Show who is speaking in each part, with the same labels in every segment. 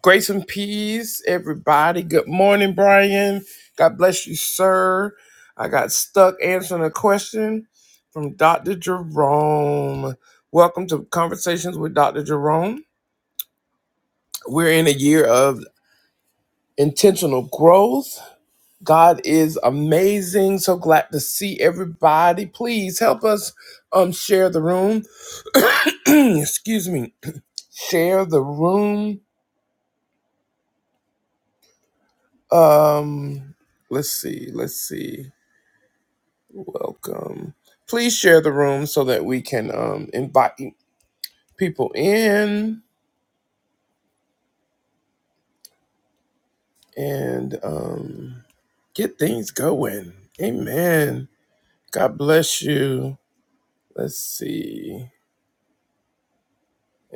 Speaker 1: Grace and peace, everybody. Good morning, Brian. God bless you, sir. I got stuck answering a question from Dr. Jerome. Welcome to Conversations with Dr. Jerome. We're in a year of intentional growth. God is amazing. So glad to see everybody. Please help us um share the room. Excuse me. Share the room. Um let's see. Let's see. Welcome. Please share the room so that we can um, invite people in and um, get things going. Amen. God bless you. Let's see.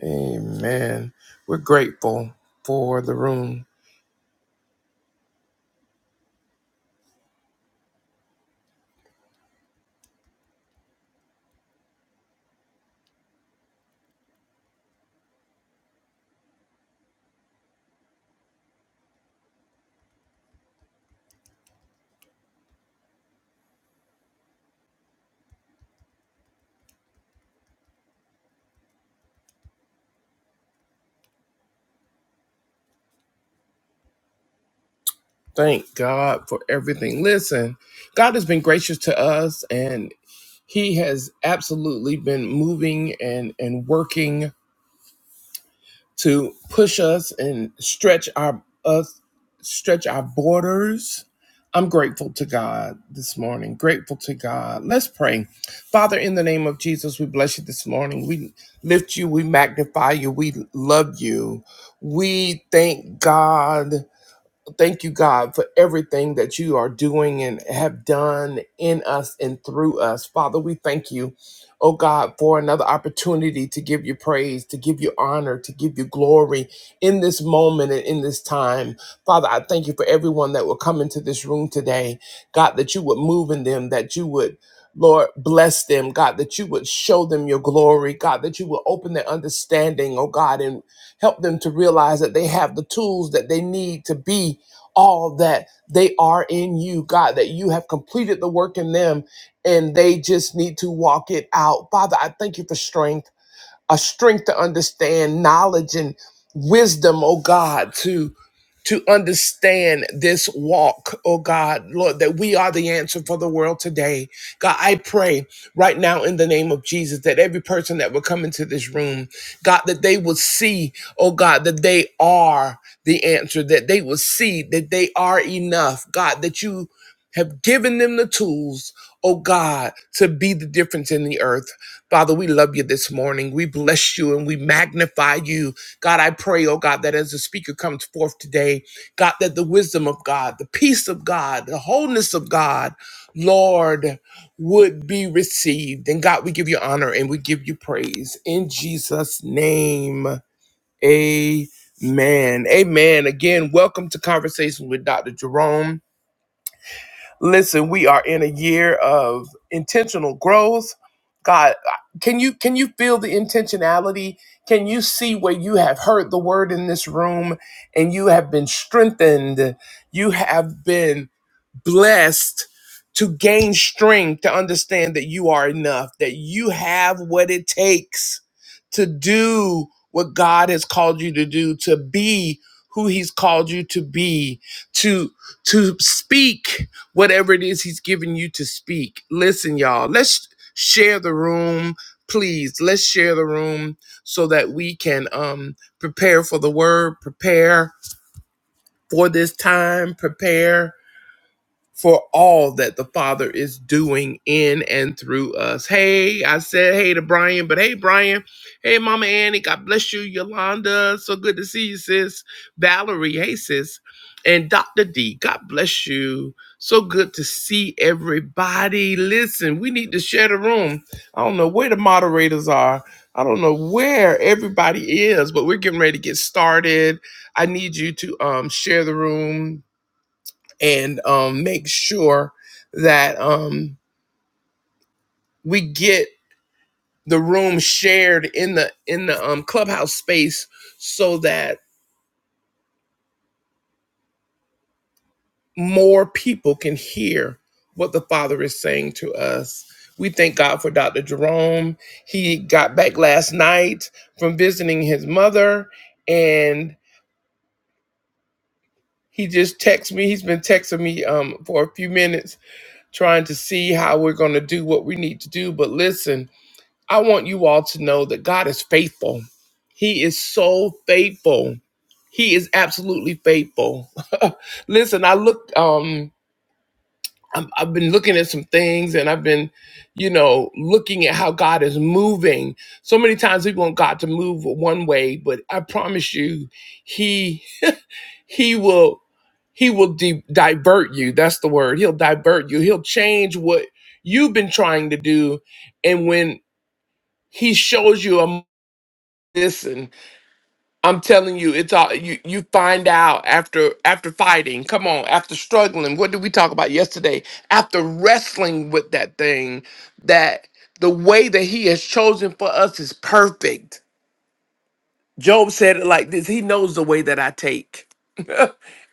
Speaker 1: Amen. We're grateful for the room. Thank God for everything. Listen, God has been gracious to us and he has absolutely been moving and and working to push us and stretch our us stretch our borders. I'm grateful to God this morning. Grateful to God. Let's pray. Father, in the name of Jesus, we bless you this morning. We lift you, we magnify you, we love you. We thank God Thank you, God, for everything that you are doing and have done in us and through us. Father, we thank you, oh God, for another opportunity to give you praise, to give you honor, to give you glory in this moment and in this time. Father, I thank you for everyone that will come into this room today. God, that you would move in them, that you would. Lord, bless them, God, that you would show them your glory, God, that you would open their understanding, oh God, and help them to realize that they have the tools that they need to be all that they are in you, God, that you have completed the work in them and they just need to walk it out. Father, I thank you for strength a strength to understand knowledge and wisdom, oh God, to to understand this walk, oh God, Lord, that we are the answer for the world today. God, I pray right now in the name of Jesus that every person that will come into this room, God, that they will see, oh God, that they are the answer, that they will see that they are enough. God, that you have given them the tools, oh God, to be the difference in the earth. Father, we love you this morning. We bless you and we magnify you. God, I pray, oh God, that as the speaker comes forth today, God, that the wisdom of God, the peace of God, the wholeness of God, Lord, would be received. And God, we give you honor and we give you praise. In Jesus' name, amen. Amen. Again, welcome to Conversation with Dr. Jerome. Listen, we are in a year of intentional growth. God, can you can you feel the intentionality? Can you see where you have heard the word in this room and you have been strengthened? You have been blessed to gain strength to understand that you are enough, that you have what it takes to do what God has called you to do, to be who he's called you to be, to to speak whatever it is he's given you to speak. Listen, y'all, let's share the room. Please, let's share the room so that we can um prepare for the word, prepare for this time, prepare for all that the Father is doing in and through us. Hey, I said hey to Brian, but hey, Brian. Hey, Mama Annie, God bless you. Yolanda, so good to see you, sis. Valerie, hey, sis. And Dr. D, God bless you. So good to see everybody. Listen, we need to share the room. I don't know where the moderators are. I don't know where everybody is, but we're getting ready to get started. I need you to um, share the room, and um, make sure that um, we get the room shared in the in the um, clubhouse space so that more people can hear what the father is saying to us we thank god for dr jerome he got back last night from visiting his mother and he just texted me he's been texting me um, for a few minutes trying to see how we're going to do what we need to do but listen I want you all to know that God is faithful. He is so faithful. He is absolutely faithful. Listen, I look um I'm, I've been looking at some things and I've been, you know, looking at how God is moving. So many times we want God to move one way, but I promise you, he he will he will di- divert you. That's the word. He'll divert you. He'll change what you've been trying to do and when he shows you a this and i'm telling you it's all you you find out after after fighting come on after struggling what did we talk about yesterday after wrestling with that thing that the way that he has chosen for us is perfect job said it like this he knows the way that i take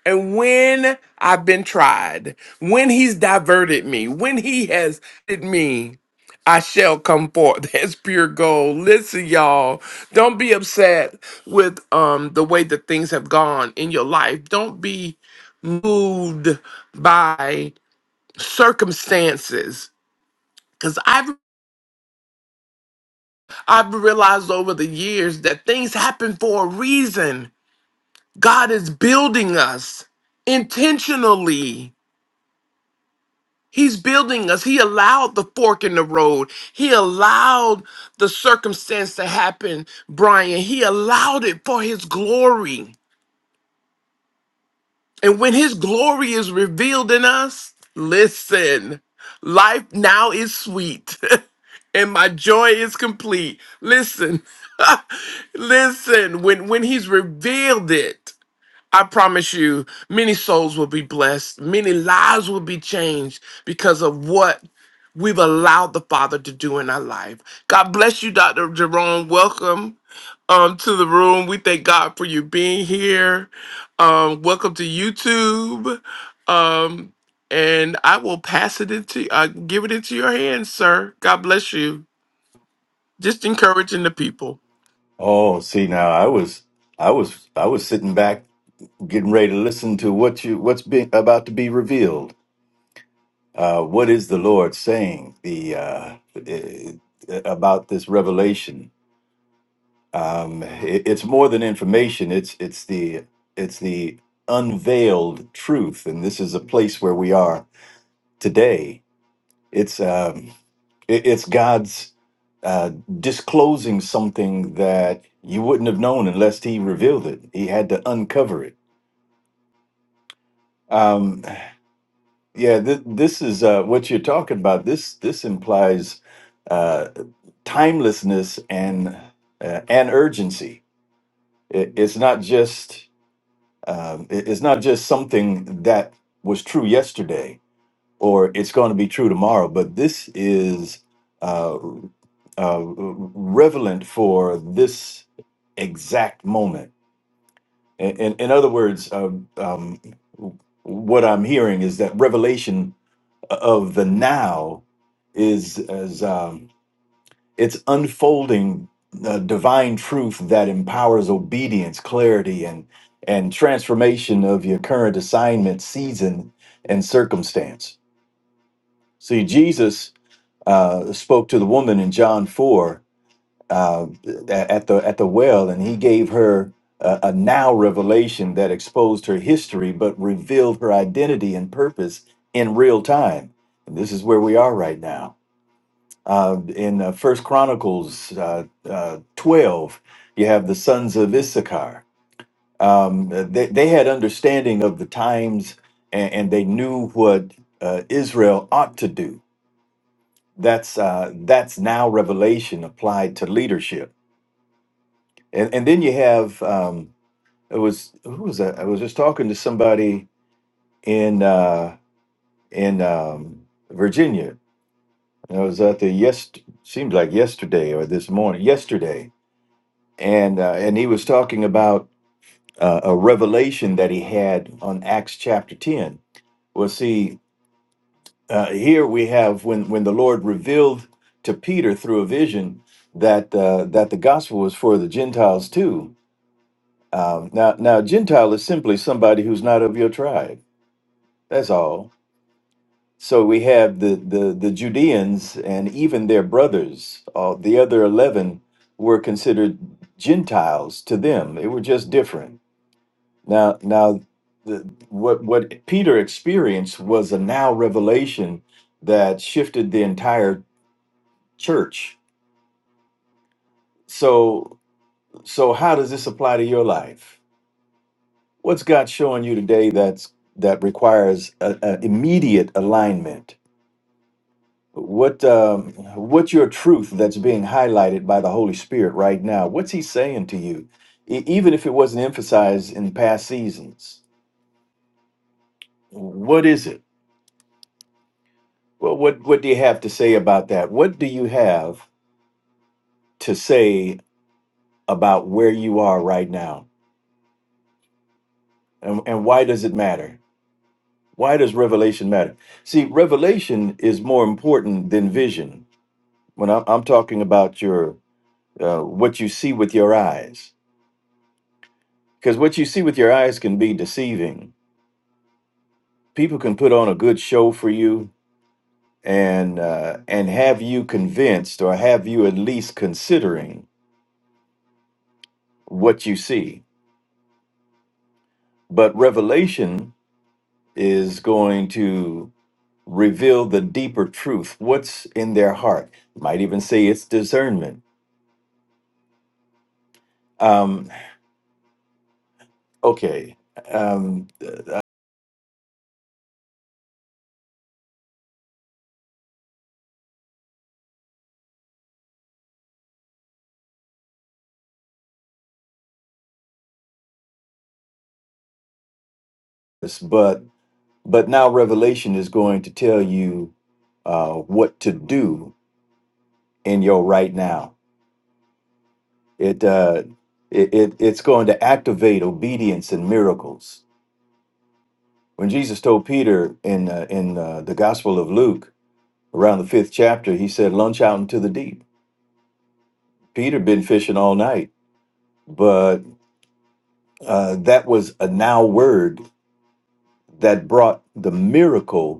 Speaker 1: and when I've been tried, when he's diverted me, when he has hit me, I shall come forth as pure gold. Listen, y'all, don't be upset with um the way that things have gone in your life. Don't be moved by circumstances. Cause I've I've realized over the years that things happen for a reason. God is building us intentionally He's building us. He allowed the fork in the road. He allowed the circumstance to happen, Brian. He allowed it for his glory. And when his glory is revealed in us, listen, life now is sweet and my joy is complete. Listen, listen, when, when he's revealed it, I promise you, many souls will be blessed. Many lives will be changed because of what we've allowed the Father to do in our life. God bless you, Dr. Jerome. Welcome um, to the room. We thank God for you being here. Um, welcome to YouTube. Um, and I will pass it into, uh, give it into your hands, sir. God bless you. Just encouraging the people.
Speaker 2: Oh, see now I was I was I was sitting back getting ready to listen to what you what's being about to be revealed. Uh, what is the Lord saying the uh, eh, eh, about this revelation? Um, it, it's more than information. It's it's the it's the unveiled truth, and this is a place where we are today. It's um, It, it's God's uh, disclosing something that you wouldn't have known unless He revealed it. He had to uncover it. Um, yeah, th- this is uh, what you're talking about. This this implies uh, timelessness and uh, and urgency. It, it's not just um, it- it's not just something that was true yesterday. or it's going to be true tomorrow. But this is uh, uh, relevant for this exact moment. In, in, in other words, uh, um, what I'm hearing is that revelation of the now is as um, it's unfolding uh, divine truth that empowers obedience, clarity, and and transformation of your current assignment, season, and circumstance. See, Jesus uh, spoke to the woman in John four uh, at the at the well, and he gave her a, a now revelation that exposed her history, but revealed her identity and purpose in real time. And this is where we are right now. Uh, in uh, First Chronicles uh, uh, twelve, you have the sons of Issachar. Um, they they had understanding of the times, and, and they knew what uh, Israel ought to do that's uh, that's now revelation applied to leadership. And and then you have um, it was who was that? I was just talking to somebody in uh, in um, Virginia. And I was out there yes seems like yesterday or this morning yesterday, and uh, and he was talking about uh, a revelation that he had on Acts chapter ten. Well, see. uh, here we have when when the Lord revealed to Peter through a vision that uh, that the gospel was for the Gentiles too. Um, now, now Gentile is simply somebody who's not of your tribe. That's all. So we have the the the Judeans and even their brothers. Uh, the other eleven were considered Gentiles to them. They were just different. Now, now. The, what what Peter experienced was a now revelation that shifted the entire church. So so how does this apply to your life? What's God showing you today that's that requires an immediate alignment? What um, what's your truth that's being highlighted by the Holy Spirit right now? What's He saying to you, E- even if it wasn't emphasized in past seasons? What is it? Well, what what do you have to say about that? What do you have to say about where you are right now, and and why does it matter? Why does revelation matter? See, revelation is more important than vision. When I'm, I'm talking about your uh, what you see with your eyes, because what you see with your eyes can be deceiving. People can put on a good show for you and uh, and have you convinced or have you at least considering what you see. But revelation is going to reveal the deeper truth, what's in their heart. Might even say it's discernment. Um, okay um this- but but now revelation is going to tell you uh what to do in your right now it uh it, it it's going to activate obedience and miracles when jesus told peter in uh, in uh, the gospel of luke around the fifth chapter he said launch out into the deep peter been fishing all night but uh that was a now word that brought the miracle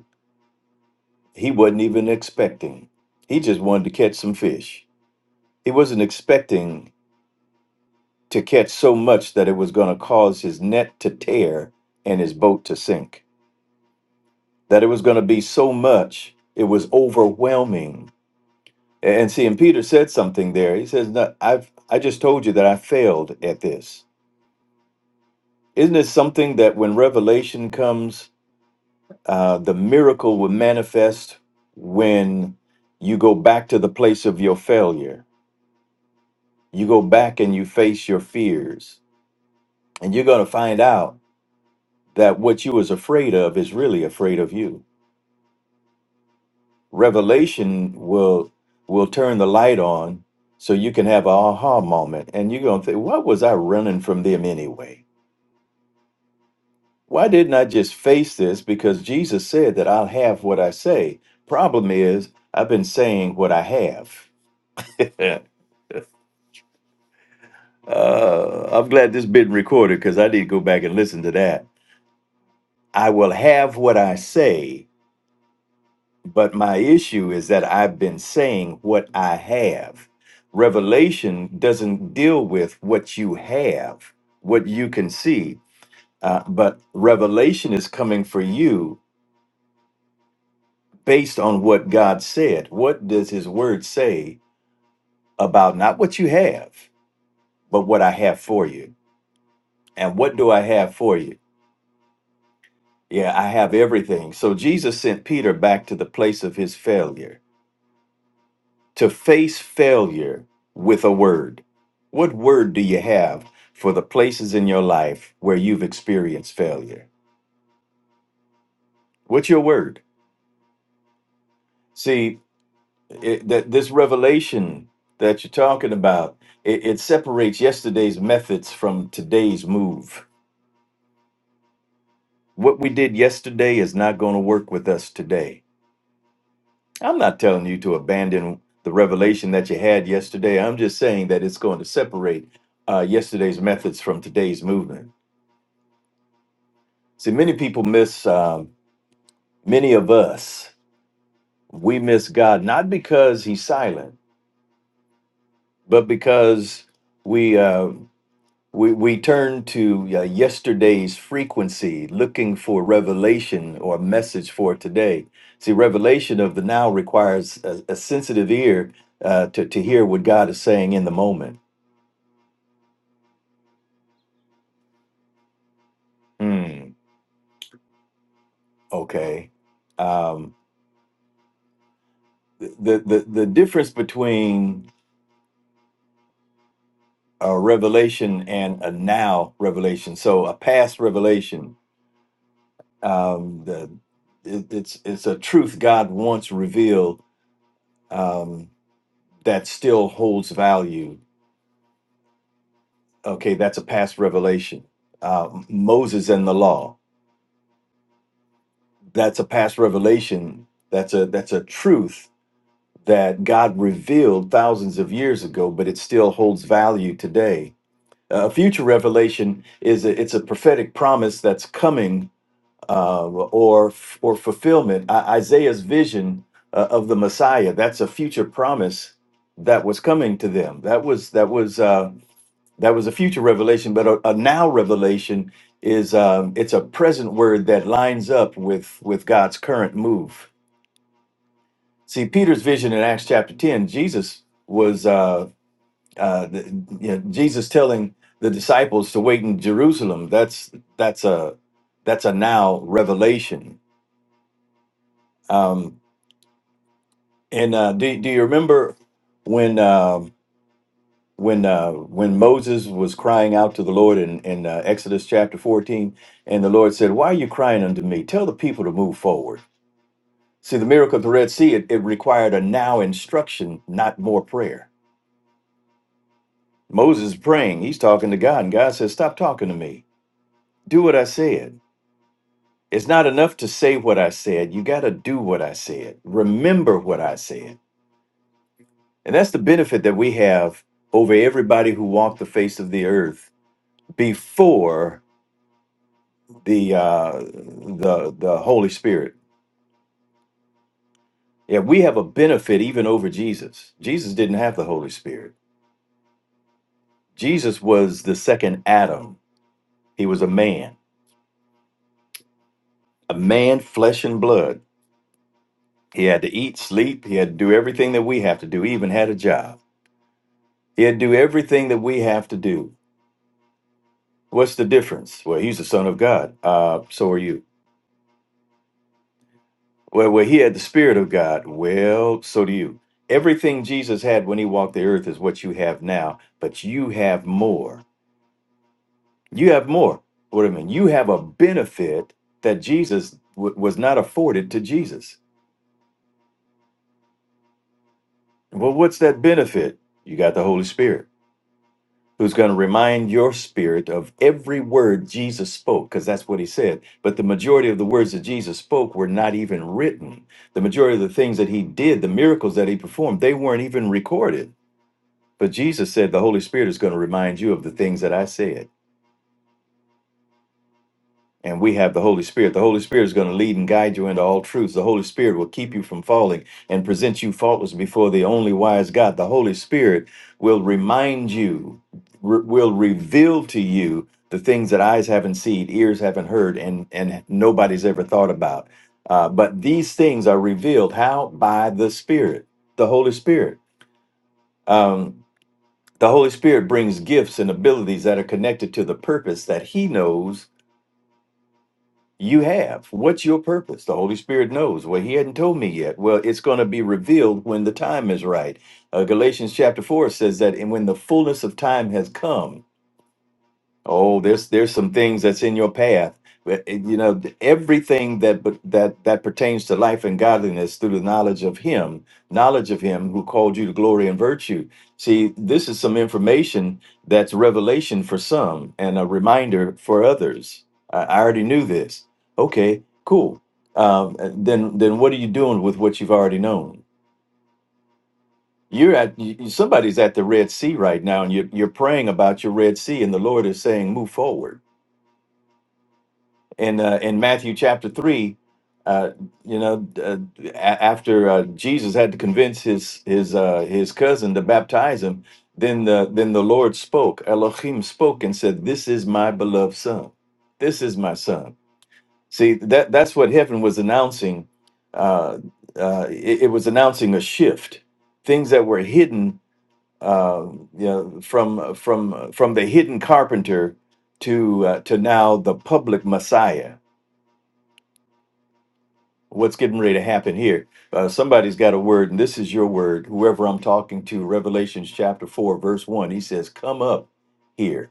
Speaker 2: He wasn't even expecting. He just wanted to catch some fish. He wasn't expecting to catch so much that it was going to cause his net to tear and his boat to sink. That it was going to be so much, it was overwhelming. And see, and Peter said something there. He says, no, I've I just told you that I failed at this. Isn't it something that when revelation comes, uh, the miracle will manifest when you go back to the place of your failure? you go back and you face your fears and you're going to find out that what you was afraid of is really afraid of you revelation will will turn the light on so you can have an aha moment and you're going to think what was i running from them anyway why didn't i just face this because jesus said that i'll have what i say problem is i've been saying what i have uh, i'm glad this been recorded because i need to go back and listen to that i will have what i say But my issue is that I've been saying what I have. Revelation doesn't deal with what you have, what you can see, uh, but revelation is coming for you based on what God said. What does His Word say about not what you have, but what I have for you? And what do I have for you? Yeah, I have everything. So Jesus sent Peter back to the place of his failure to face failure with a word. What word do you have for the places in your life where you've experienced failure? What's your word? See, it, that this revelation that you're talking about, it, it separates yesterday's methods from today's move. What we did yesterday is not going to work with us today. I'm not telling you to abandon the revelation that you had yesterday. I'm just saying that it's going to separate uh, yesterday's methods from today's movement See, many people miss, um, many of us, we miss God not because He's silent, but because we uh, we we turn to uh, yesterday's frequency, looking for revelation or message for today. See, revelation of the now requires a, a sensitive ear uh, to to hear what God is saying in the moment. Hmm. Okay. Um, the the the difference between a revelation and a now revelation. So a past revelation. Um, the, it, it's it's a truth God once revealed um, that still holds value. Okay, that's a past revelation. Uh, Moses and the law. That's a past revelation. That's a that's a truth that God revealed thousands of years ago, but it still holds value today. A future revelation is a, it's a prophetic promise that's coming uh, or or fulfillment. I, Isaiah's vision uh, of the Messiah that's a future promise that was coming to them. That was that was uh, that was a future revelation, but a, a now revelation is um, it's a present word that lines up with with God's current move. See Peter's vision in Acts chapter ten. Jesus was uh, uh, the, you know, Jesus telling the disciples to wait in Jerusalem. That's that's a that's a now revelation Um, And uh, do do you remember when um, when uh, when Moses was crying out to the Lord in in uh, Exodus chapter fourteen, and the Lord said, "Why are you crying unto me? Tell the people to move forward." See, the miracle of the Red Sea it, it required a now instruction, not more prayer. Moses is praying; he's talking to God, and God says, "Stop talking to me. Do what I said." It's not enough to say what I said. You got to do what I said. Remember what I said. And that's the benefit that we have over everybody who walked the face of the earth before the uh, the the Holy Spirit. Yeah, we have a benefit even over Jesus. Jesus didn't have the Holy Spirit. Jesus was the second Adam. He was a man, a man, flesh and blood. He had to eat, sleep. He had to do everything that we have to do. He even had a job. He had to do everything that we have to do. What's the difference? Well, he's the Son of God. Uh, so are you Well, well, he had the Spirit of God. Well, so do you. Everything Jesus had when he walked the earth is what you have now, but you have more. You have more. What do I mean? You have a benefit that Jesus w- was not afforded to Jesus. Well, what's that benefit? You got the Holy Spirit, who's going to remind your spirit of every word Jesus spoke, because that's what he said. But the majority of the words that Jesus spoke were not even written. The majority of the things that he did, the miracles that he performed, they weren't even recorded But Jesus said, The Holy Spirit is going to remind you of the things that I said. And we have the Holy Spirit. The Holy Spirit is going to lead and guide you into all truths. The Holy Spirit will keep you from falling and present you faultless before the only wise God. The Holy Spirit will remind you, re- will reveal to you the things that eyes haven't seen, ears haven't heard, and, and nobody's ever thought about. Uh, but these things are revealed how? By the Spirit, the Holy Spirit. Um, The Holy Spirit brings gifts and abilities that are connected to the purpose that He knows you have. What's your purpose? The Holy Spirit knows. Well, He hadn't told me yet. Well, it's going to be revealed when the time is right. Uh, Galatians chapter 4 says that, and when the fullness of time has come, Oh, there's there's some things that's in your path. But, eh, You know, th- everything that but that that pertains to life and godliness through the knowledge of Him, knowledge of Him who called you to glory and virtue. See, this is some information that's revelation for some and a reminder for others. I, I already knew this. Okay, cool. Um, eh, then then what are you doing with what you've already known? You're at you, you- somebody's at the Red Sea right now, and you're you're praying about your Red Sea, and the Lord is saying, move forward in uh, in Matthew chapter three, uh, you know, uh, a- after uh, Jesus had to convince his his uh, his cousin to baptize him, then the then the Lord spoke. Elohim spoke and said, "This is my beloved son. This is my son." See that that's what heaven was announcing. Uh, uh, it, it was announcing a shift. Things that were hidden, uh, you know, from from from the hidden carpenter to uh, to now the public Messiah what's getting ready to happen here. Uh, somebody's got a word, and this is your word. Whoever I'm talking to, Revelations chapter 4, verse 1, he says, Come up here,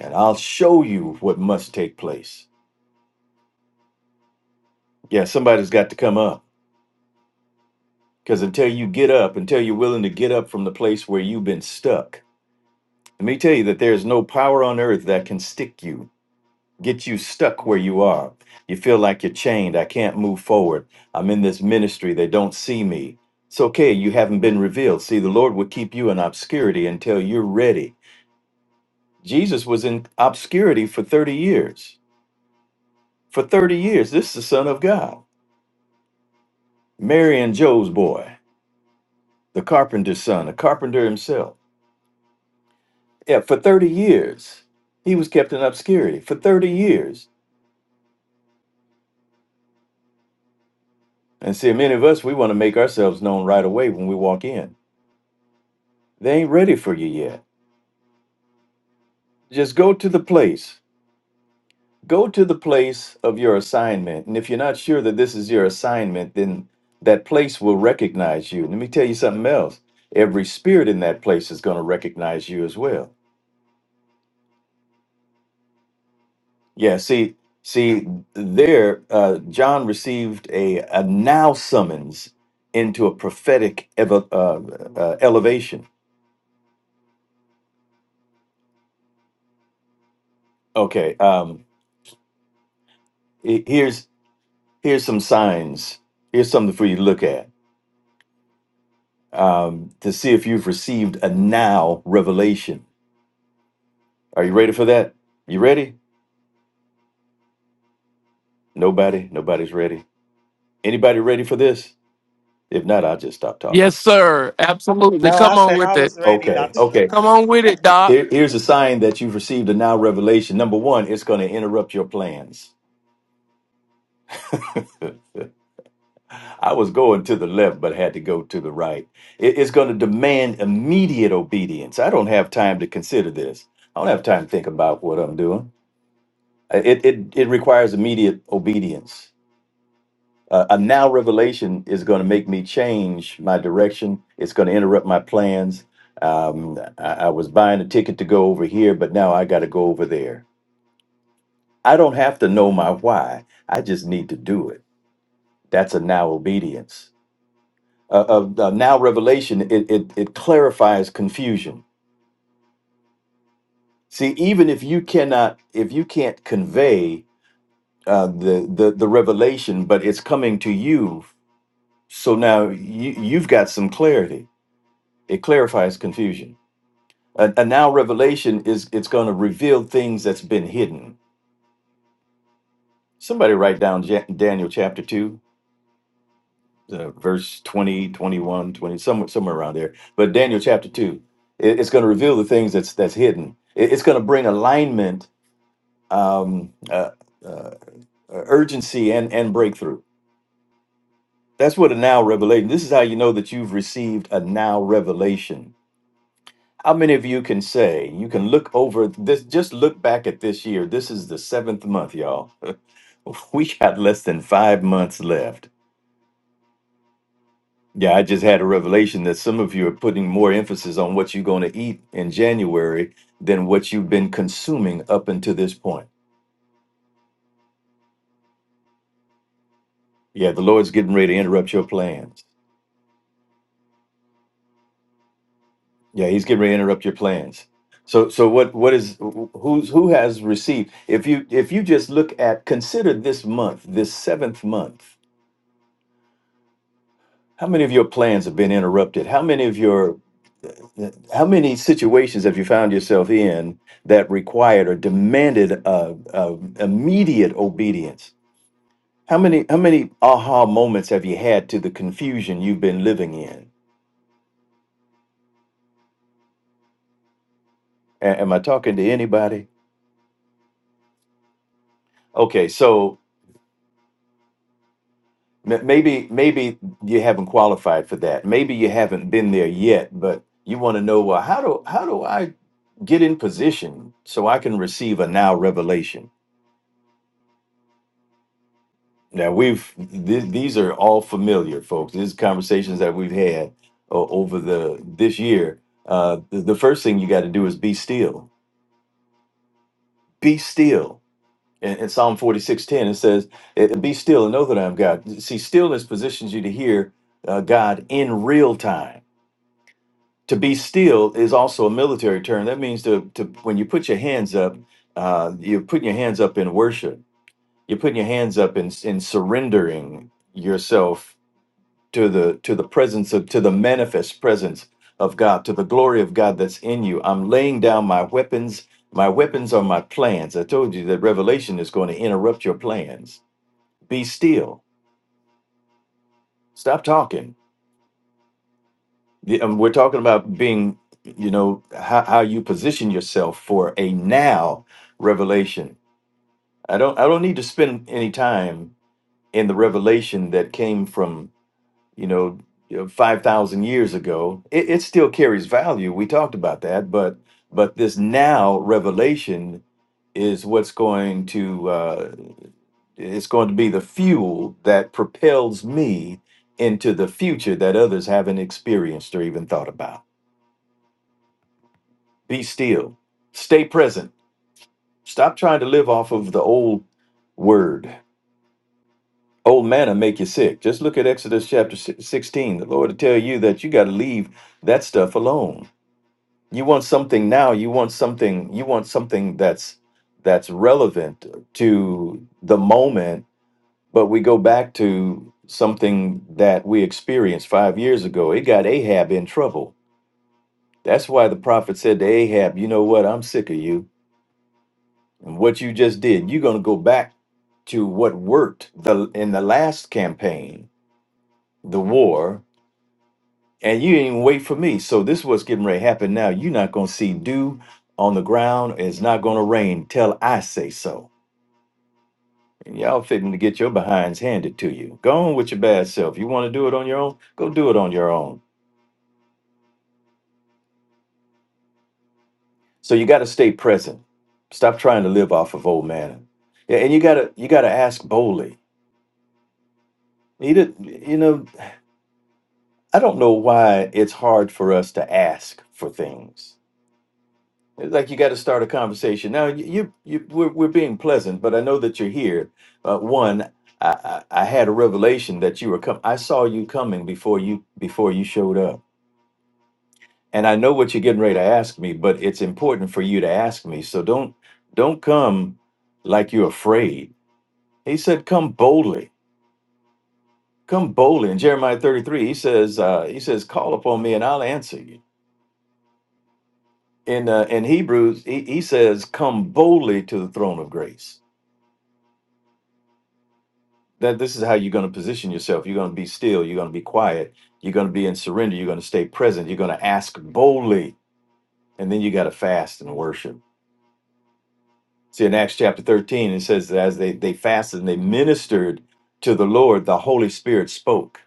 Speaker 2: and I'll show you what must take place. Yeah, somebody's got to come up because until you get up, until you're willing to get up from the place where you've been stuck, let me tell you that there's no power on earth that can stick you get you stuck where you are. You feel like you're chained. I can't move forward. I'm in this ministry. They don't see me. It's okay. You haven't been revealed. See, the Lord will keep you in obscurity until you're ready. Jesus was in obscurity for 30 years. For 30 years, this is the Son of God. Mary and Joe's boy, the carpenter's son, the carpenter himself. Yeah, for 30 years, he was kept in obscurity. For 30 years. And see, many of us, we want to make ourselves known right away when we walk in. They ain't ready for you yet. just go to the place go to the place of your assignment and if you're not sure that this is your assignment then that place will recognize you let me tell you something else every spirit in that place is going to recognize you as well yeah see see there uh, john received a, a now summons into a prophetic evo- uh, uh, elevation okay um he- here's here's some signs here's something for you to look at um, to see if you've received a now revelation. Are you ready for that? You ready? Nobody. Nobody's ready. Anybody ready for this? If not, I'll just stop
Speaker 1: Yes,
Speaker 2: talking.
Speaker 1: sir. Absolutely.
Speaker 3: No, I
Speaker 1: Come on
Speaker 3: said I
Speaker 1: with it.
Speaker 3: was ready,
Speaker 2: Okay.
Speaker 3: Doctor.
Speaker 2: Okay.
Speaker 1: Come on with it, Doc.
Speaker 2: Here- here's a sign that you've received a now revelation. Number one, it's going to interrupt your plans. I was going to the left, but had to go to the right. It- it's going to demand immediate obedience. I don't have time to consider this. I don't have time to think about what I'm doing. Uh, It, it, it requires immediate obedience. Uh, a now revelation is going to make me change my direction. It's going to interrupt my plans. Um, I, I was buying a ticket to go over here, but now I got to go over there. I don't have to know my why. I just need to do it. That's a now obedience. Uh, a, a now revelation it, it it clarifies confusion. See, even if you cannot, if you can't convey uh, the the the revelation, but it's coming to you, so now you you've got some clarity It clarifies confusion. A, a now revelation is it's going to reveal things that's been hidden. Somebody write down Ja- Daniel chapter 2, uh, verse 20, 21, 20, somewhere, somewhere around there. But Daniel chapter 2, it- it's going to reveal the things that's that's hidden. It- it's going to bring alignment, um, uh, uh, urgency, and, and breakthrough. That's what a now revelation. This is how you know that you've received a now revelation How many of you can say you can look over this? Just look back at this year. This is the seventh month, y'all. we got less than five months left. Yeah, I just had a revelation that some of you are putting more emphasis on what you're going to eat in January than what you've been consuming up until this point. Yeah, the Lord's getting ready to interrupt your plans. Yeah, He's getting ready to interrupt your plans. So, so what? What is who's who has received? If you if you just look at consider this month, this seventh month How many of your plans have been interrupted? How many of your how many situations have you found yourself in that required or demanded uh, uh, immediate obedience? How many how many aha moments have you had to the confusion you've been living in? A- am I talking to anybody? Okay, so m- maybe maybe you haven't qualified for that. Maybe you haven't been there yet, but you want to know well how do how do I get in position so I can receive a now revelation? Now we've th- these are all familiar, folks. These are conversations that we've had o- over the this year. Uh, the, the first thing you got to do is be still. Be still. In, in Psalm forty six ten, it says, "Eh, eh, "Be still and know that I am God." See, stillness positions you to hear uh, God in real time. To be still is also a military term. That means to, to when you put your hands up, uh, you're putting your hands up in worship. You're putting your hands up in in surrendering yourself to the to the presence of to the manifest presence of God, to the glory of God that's in you. I'm laying down my weapons. My weapons are my plans. I told you that revelation is going to interrupt your plans. Be still. Stop talking. The- um, We're talking about being, you know, how, how you position yourself for a now revelation. I don't I don't need to spend any time in the revelation that came from you know, you know, 5,000 years ago, it, it still carries value. We talked about that, but but this now revelation is what's going to uh, it's going to be the fuel that propels me into the future that others haven't experienced or even thought about. Be still. Stay present. Stop trying to live off of the old word. Old manna make you sick. Just look at Exodus chapter si- 16. The Lord will tell you that you got to leave that stuff alone you want something now you want something you want something that's that's relevant to the moment but we go back to something that we experienced five years ago it got ahab in trouble that's why the prophet said to ahab you know what i'm sick of you and what you just did you're going to go back to what worked the in the last campaign the war and you didn't even wait for me. So this is what's getting ready to happen now. You're not gonna see dew on the ground. It's not gonna rain till I say so. And y'all fitting to get your behinds handed to you. Go on with your bad self. You want to do it on your own? Go do it on your own. So you got to stay present. Stop trying to live off of old man. Yeah, And you gotta you gotta ask boldly. You, did, you know, I don't know why it's hard for us to ask for things. like you got to start a conversation. Now you, you, you we're, we're being pleasant, but I know that you're here. Uh, one, I, I, I had a revelation that you were coming. I saw you coming before you before you showed up, and I know what you're getting ready to ask me. But it's important for you to ask me, so don't don't come like you're afraid. He said, "Come boldly, come boldly." In Jeremiah 33, he says, uh, he says, "Call upon me, and I'll answer you." In uh, in Hebrews, he, he says, "Come boldly to the throne of grace." that this is how you're going to position yourself. You're going to be still. You're going to be quiet. You're going to be in surrender. You're going to stay present. You're going to ask boldly. And then you got to fast and worship. See, in Acts chapter 13, it says that as they, they fasted and they ministered to the Lord, the Holy Spirit spoke.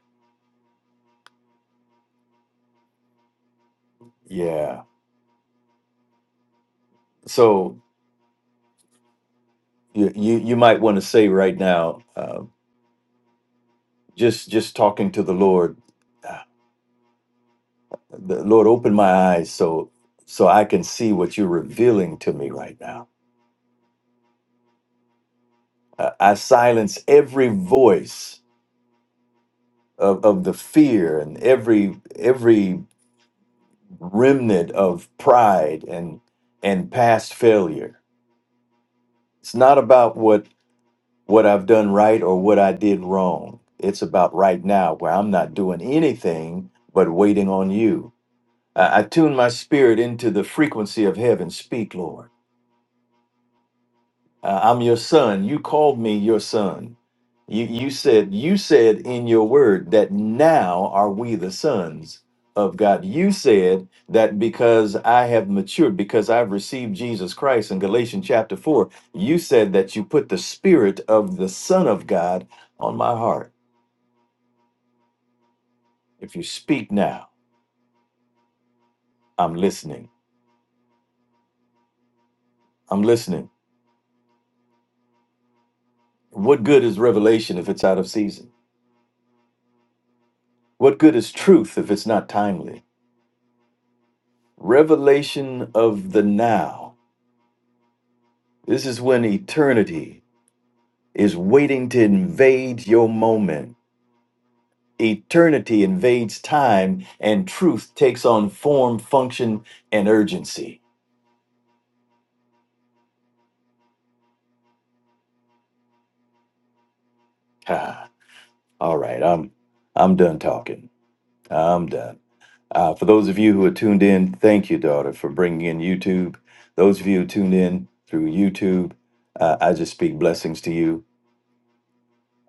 Speaker 2: Yeah. So you, you, you might want to say right now, uh, just just talking to the Lord, uh, the Lord, open my eyes so so I can see what you're revealing to me right now I I silence every voice of, of the fear and every every remnant of pride and and past failure. It's not about what what I've done right or what I did wrong. It's about right now where I'm not doing anything but waiting on you. I, I tune my spirit into the frequency of heaven. Speak, Lord. Uh, I'm your son. You called me your son. You, you said you said in your word that now are we the sons of God. You said that because I have matured, because I've received Jesus Christ in Galatians chapter four. You said that you put the spirit of the Son of God on my heart. If you speak now, I'm listening. I'm listening. What good is revelation if it's out of season? What good is truth if it's not timely? Revelation of the now This is when eternity is waiting to invade your moment. Eternity invades time, and truth takes on form, function, and urgency. Ha. All right, I'm I'm done talking. I'm done. Uh, for those of you who are tuned in, thank you, daughter, for bringing in YouTube. Those of you who tuned in through YouTube, uh, I just speak blessings to you.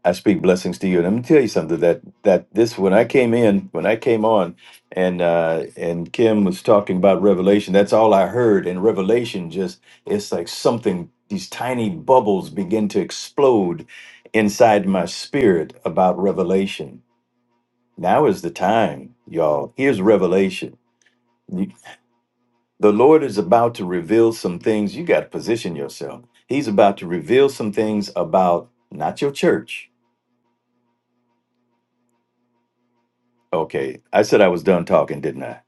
Speaker 2: I speak blessings to you. And I'm gonna tell you something that that this when I came in, when I came on and uh and Kim was talking about revelation, that's all I heard. And revelation just it's like something, these tiny bubbles begin to explode inside my spirit about revelation. Now is the time, y'all. Here's revelation. You- The Lord is about to reveal some things. You got to position yourself. He's about to reveal some things about not your church Okay, I said I was done talking, didn't I?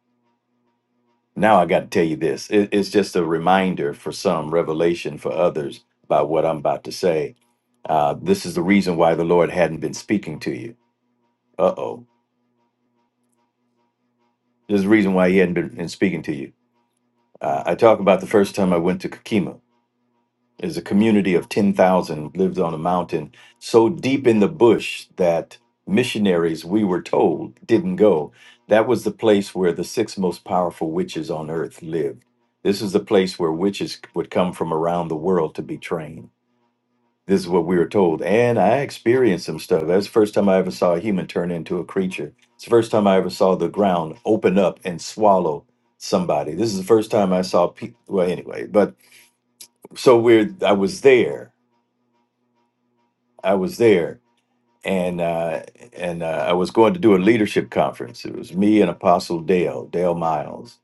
Speaker 2: Now I got to tell you this. It, it's just a reminder for some, revelation for others about what I'm about to say. Uh, this is the reason why the Lord hadn't been speaking to you. Uh oh. This is the reason why He hadn't been, been speaking to you. Uh, I talk about the first time I went to Kakima. is a community of 10,000 lived on a mountain so deep in the bush that missionaries we were told didn't go that was the place where the six most powerful witches on earth lived this is the place where witches would come from around the world to be trained this is what we were told and i experienced some stuff that's the first time i ever saw a human turn into a creature it's the first time i ever saw the ground open up and swallow somebody this is the first time i saw people well anyway but so we're i was there I was there, and uh, and uh, I was going to do a leadership conference. It was me and Apostle Dale, Dale Miles.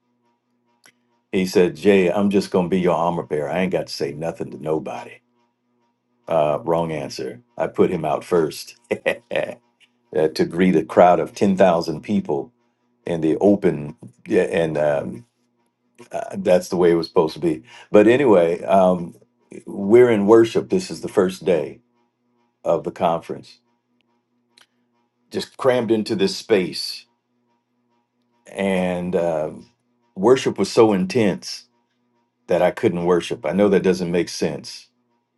Speaker 2: He said, "Jay, I'm just going to be your armor bearer. I ain't got to say nothing to nobody." Uh, wrong answer. I put him out first uh, to greet a crowd of ten thousand people in the open, yeah, and um, uh, that's the way it was supposed to be. But anyway, um, we're in worship. This is the first day of the conference, just crammed into this space and uh, worship was so intense that I couldn't worship. I know that doesn't make sense.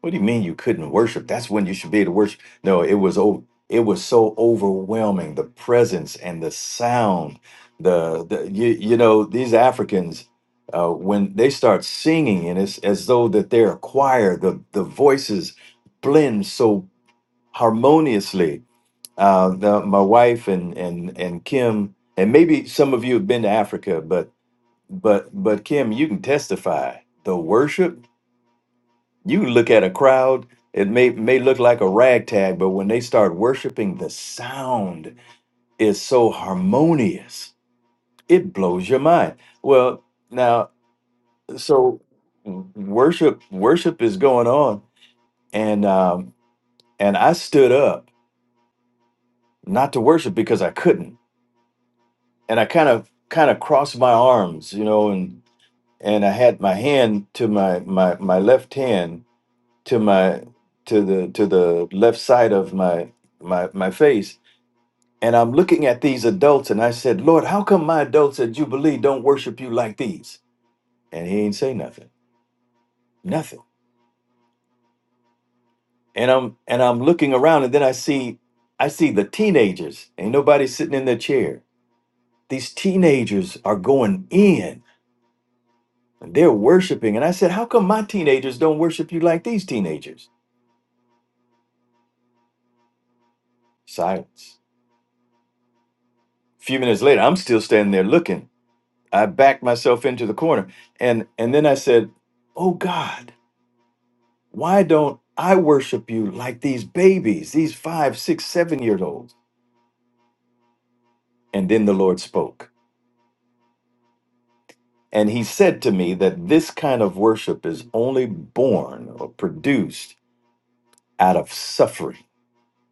Speaker 2: What do you mean you couldn't worship? That's when you should be able to worship. No, it was o- it was so overwhelming. The presence and the sound, the, the you, you know these Africans. Uh, when they start singing and it's as though that they're a choir the, the voices blend so harmoniously uh, the, my wife and and and Kim, and maybe some of you have been to Africa, but but but Kim, you can testify. The worship, you can look at a crowd. It may may look like a ragtag, but when they start worshiping, the sound is so harmonious. It blows your mind. Well, now, so w- worship worship is going on, and um, and I stood up not to worship because I couldn't and I kind of kind of crossed my arms, you know, and and I had my hand to my my my left hand to my to the to the left side of my my my face, and I'm looking at these adults, and I said, Lord, how come my adults at Jubilee don't worship you like these? And he ain't say nothing, nothing. And I'm and I'm looking around, and then I see I see the teenagers. Ain't nobody sitting in their chair. These teenagers are going in They're worshiping. And I said, How come my teenagers don't worship you like these teenagers? Silence. A few minutes later, I'm still standing there looking. I backed myself into the corner. And and then I said, Oh God, why don't I worship you like these babies, these five, six, seven year olds? And then the Lord spoke. And he said to me that this kind of worship is only born or produced out of suffering.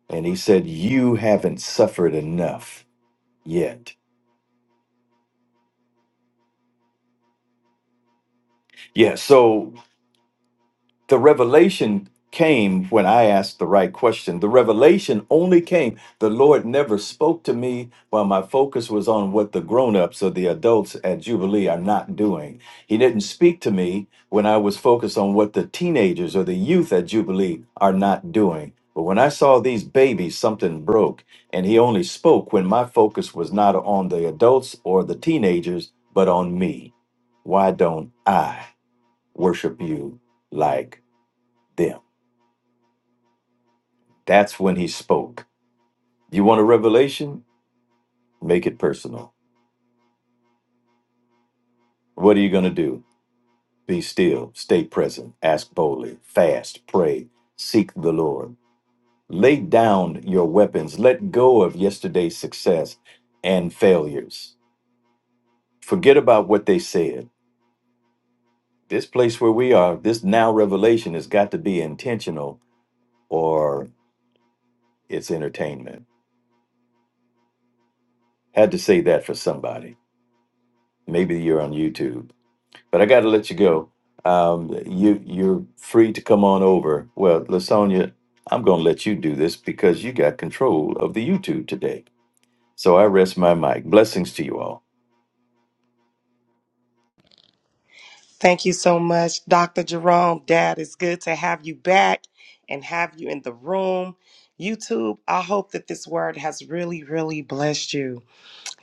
Speaker 2: And he said, You haven't suffered enough yet. Yeah, so the revelation came when I asked the right question. The revelation only came. The Lord never spoke to me while my focus was on what the grown-ups or the adults at Jubilee are not doing. He didn't speak to me when I was focused on what the teenagers or the youth at Jubilee are not doing. But when I saw these babies, something broke. And he only spoke when my focus was not on the adults or the teenagers, but on me. Why don't I worship you like them. That's when he spoke. You want a revelation? Make it personal. What are you going to do? Be still, stay present, ask boldly, fast, pray, seek the Lord. Lay down your weapons, let go of yesterday's success and failures. Forget about what they said. This place where we are, this now revelation has got to be intentional or it's entertainment. Had to say that for somebody. Maybe you're on YouTube but I got to let you go. Um, you you're free to come on over. Well, Lasonia, I'm going to let you do this because you got control of the YouTube today. So I rest my mic. Blessings to you all.
Speaker 3: Thank you so much, Dr. Jerome. Dad, it's good to have you back and have you in the room. YouTube, I hope that this word has really, really blessed you.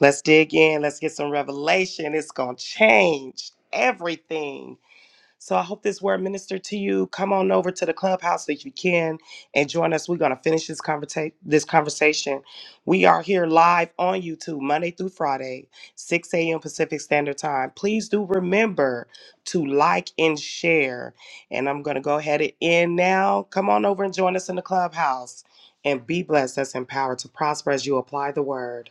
Speaker 3: Let's dig in. Let's get some revelation. It's going to change everything. So I hope this word ministered to you. Come on over to the clubhouse if you can and join us. We're gonna finish this conversa- this conversation. We are here live on YouTube Monday through Friday, 6 a.m. Pacific Standard Time. Please do remember to like and share. And I'm gonna go ahead and end now. Come on over and join us in the clubhouse and be blessed. That's empowered to prosper as you apply the word.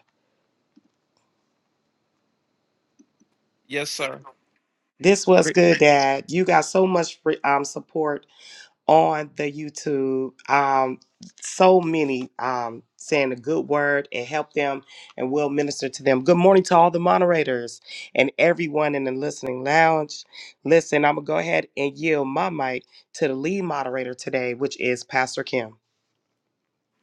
Speaker 1: Yes, sir.
Speaker 3: This was good, Dad. You got so much free, um, support on the YouTube. Um, so many um, saying a good word and help them and we will minister to them. Good morning to all the moderators and everyone in the listening lounge. Listen, I'm going to go ahead and yield my mic to the lead moderator today, which is Pastor Kim.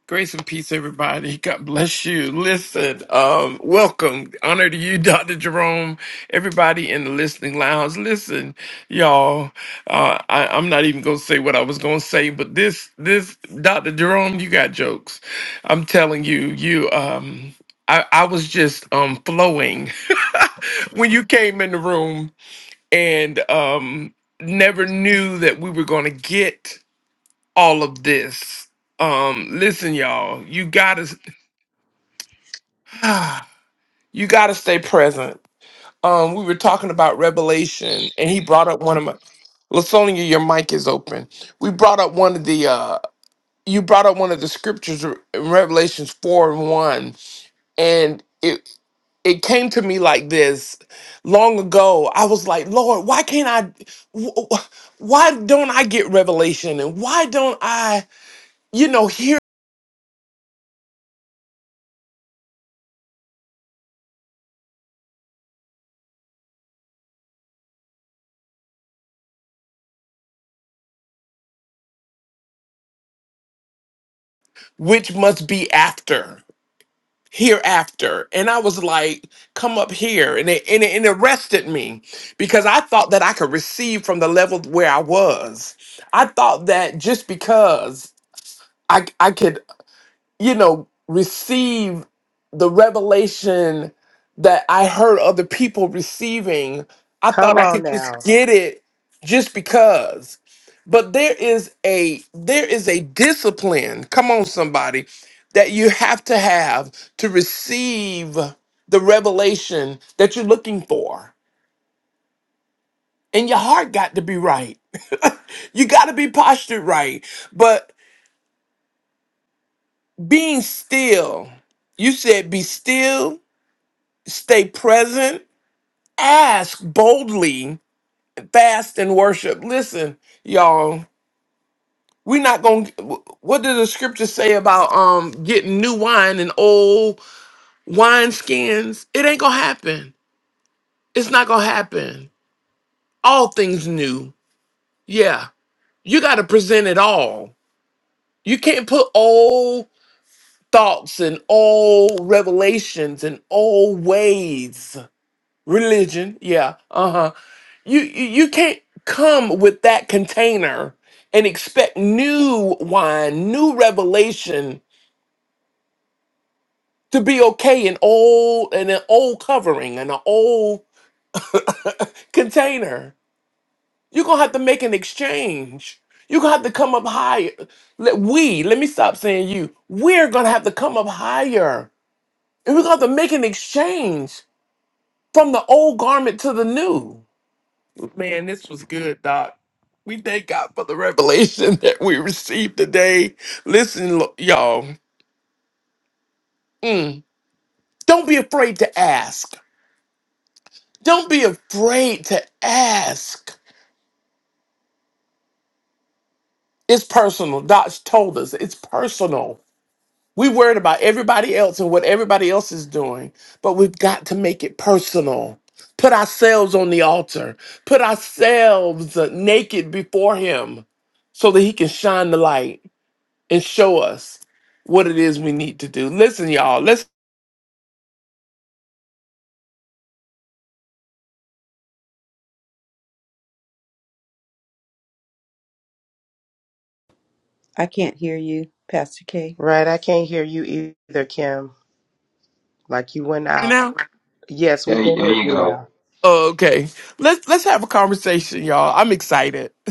Speaker 1: Grace and peace, everybody. God bless you. Listen, um, welcome. Honor to you, Dr. Jerome. Everybody in the listening lounge. Listen, y'all. Uh, I, I'm not even gonna say what I was gonna say, but this, this, Dr. Jerome, you got jokes. I'm telling you, you. Um, I, I was just um flowing when you came in the room, and um, never knew that we were gonna get all of this um listen y'all you gotta Ah, you got to stay present. Um, we were talking about Revelation, and he brought up one of my. Lasonia, your mic is open. We brought up one of the. Uh, you brought up one of the scriptures in Revelations four and one, and it it came to me like this. Long ago, I was like, Lord, why can't I? wh- wh- Why don't I get revelation, and why don't I? You know, hear which must be after. hereafter. And I was like, come up here. And it, and it, and it arrested me because I thought that I could receive from the level where I was. I thought that just because. I, I could you know, receive the revelation that I heard other people receiving. I thought
Speaker 3: Come
Speaker 1: I
Speaker 3: on
Speaker 1: could just
Speaker 3: now.
Speaker 1: get it just because. But there is a there is a discipline, come on somebody, that you have to have to receive the revelation that you're looking for. And your heart got to be right. you got to be postured right. But being still, you said be still stay present, ask boldly, fast and worship. Listen, y'all, we're not going to what did the scripture say about um getting new wine in old wine skins? It ain't going to happen. It's not going to happen. All things new. Yeah. You got to present it all. You can't put old thoughts and old revelations and old ways. Religion, yeah, uh-huh you you you can't come with that container and expect new wine, new revelation to be okay in old in an old covering and an old container. You're gonna have to make an exchange. You're gonna have to come up higher. Let we let me stop saying you. We're gonna have to come up higher, and we're gonna have to make an exchange from the old garment to the new. Man, this was good, Doc. We thank God for the revelation that we received today. Listen, lo- y'all, mm, don't be afraid to ask. Don't be afraid to ask. It's personal. Doc's told us it's personal. We worried about everybody else and what everybody else is doing, but we've got to make it personal. Put ourselves on the altar. Put ourselves uh, naked before Him, so that He can shine the light. and show us what it is we need to do. Listen, y'all. Let's
Speaker 4: I can't hear you, Pastor K.
Speaker 3: Right. I can't hear you either, Kim. Like you went out.
Speaker 1: now.
Speaker 3: Yes,
Speaker 5: There,
Speaker 3: we can
Speaker 5: there
Speaker 3: hear
Speaker 5: you
Speaker 3: you
Speaker 5: go.
Speaker 3: now.
Speaker 1: Okay, let's let's have a conversation, y'all. I'm excited.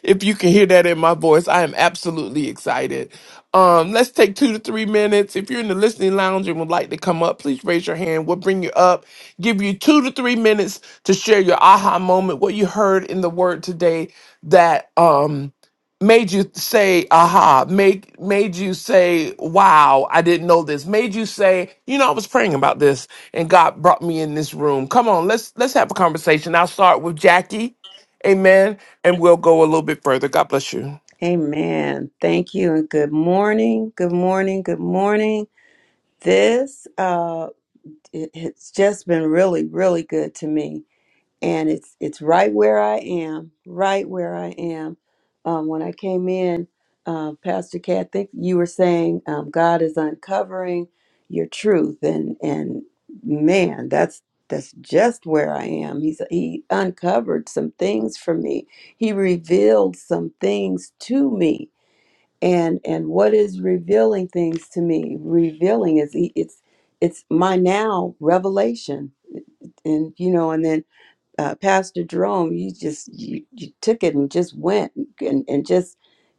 Speaker 1: if you can hear that in my voice, I am absolutely excited. Um, let's take two to three minutes. If you're in the listening lounge and would like to come up, please raise your hand. We'll bring you up. Give you two to three minutes to share your aha moment, what you heard in the word today that um made you say aha make made you say wow i didn't know this made you say you know i was praying about this and god brought me in this room come on let's let's have a conversation i'll start with jackie amen and we'll go a little bit further god bless you
Speaker 4: Amen. Thank you and good morning. Good morning. Good morning. This uh it, it's just been really really good to me. and it's it's right where I am, right where I am. Um, when I came in, uh, Pastor Kat, I think you were saying um, God is uncovering your truth, and and man, that's that's just where I am. He's he uncovered some things for me. He revealed some things to me, and and what is revealing things to me? Revealing is he, it's it's my now revelation, and you know, and then uh, Pastor Jerome, you just you, you took it and just went and, and just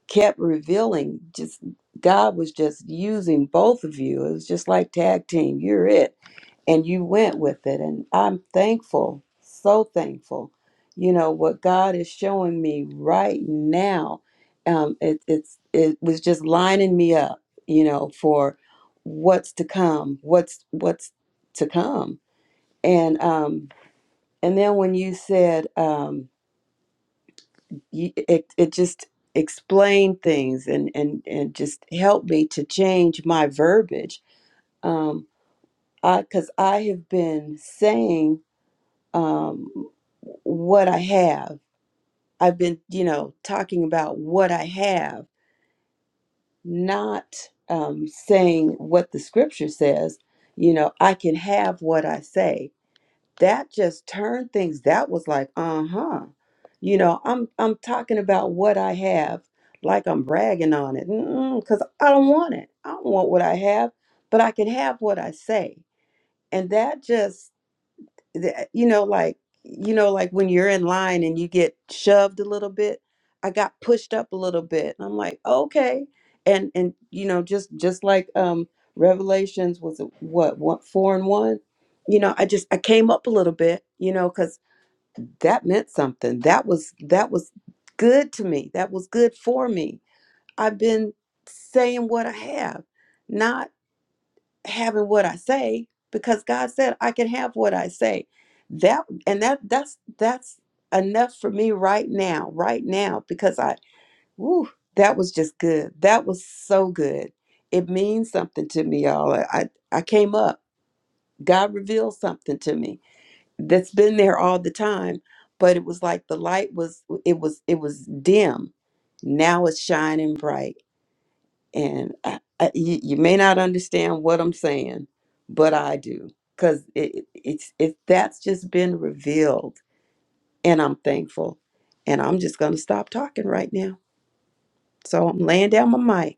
Speaker 4: kept revealing. Just God was just using both of you. It was just like tag team. You're it, and you went with it. And I'm thankful, so thankful. You know what God is showing me right now. Um, it, it's it was just lining me up. You know for what's to come. What's what's to come. And um, and then when you said um, you, it, it just explained things and, and, and just helped me to change my verbiage, um, I because I have been saying um, what I have. I've been, you know, talking about what I have, not um, saying what the scripture says. You know, I can have what I say that just turned things that was like uh-huh you know i'm i'm talking about what i have like i'm bragging on it because i don't want it i don't want what i have but i can have what i say and that just the- you know like you know like when you're in line and you get shoved a little bit i got pushed up a little bit and i'm like okay and and you know just just like um revelations was a- what what four and one you know i just i came up a little bit you know because that meant something that was that was good to me that was good for me i've been saying what i have not having what I say because God said I can have what I say. That and that that's that's enough for me right now, right now because I woo, that was just good. That was so good. It means something to me, y'all. I I I came up. God revealed something to me that's been there all the time, but it was like the light was it was it was dim. Now it's shining bright and I, I, you, you may not understand what I'm saying, but I do because it, it- it's it that's just been revealed, and I'm thankful, and I'm just gonna stop talking right now. So I'm laying down my mic.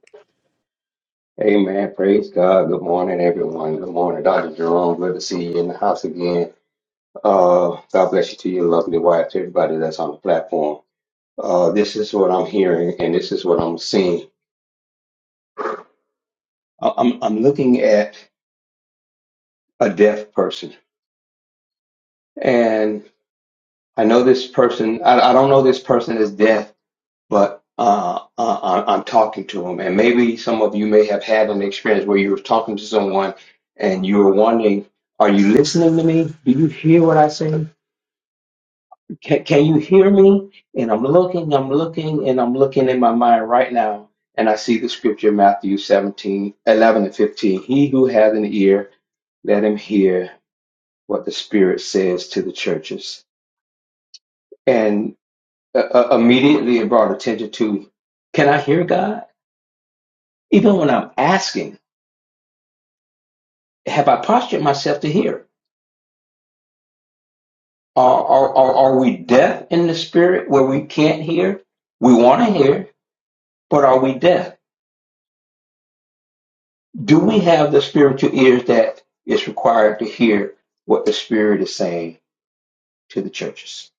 Speaker 5: Amen. Praise God. Good morning, everyone. Good morning, Dr. Jerome. Good to see you in the house again. Uh, God bless you to your lovely wife, to everybody that's on the platform. Uh, this is what I'm hearing and this is what I'm seeing. I- I'm, I'm looking at a deaf person and I know this person, I, I don't know this person is deaf, but uh, uh, I- am talking to them. And maybe some of you may have had an experience where you were talking to someone and you were wondering, are you listening to me? Do you hear what I say? Can, can you hear me? And I'm looking, I'm looking, and I'm looking in my mind right now. And I see the scripture, Matthew 17 11 and 15. He who has an ear, let him hear what the Spirit says to the churches. And uh, uh, immediately it brought attention to, can I hear God? Even when I'm asking, have I postured myself to hear? Are, are, are, are we deaf in the spirit where we can't hear? We want to hear, but are we deaf? Do we have the spiritual ears that is required to hear what the spirit is saying to the churches?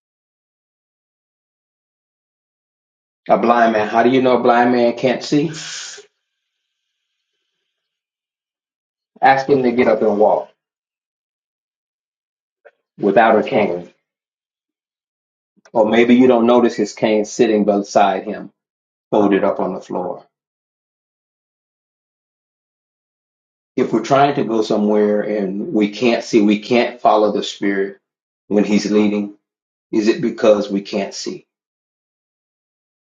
Speaker 5: A blind man, how do you know a blind man can't see? Ask him to get up and walk without a cane. Or maybe you don't notice his cane sitting beside him, folded up on the floor. if we're trying to go somewhere and we can't see, we can't follow the Spirit when He's leading, is it because we can't see?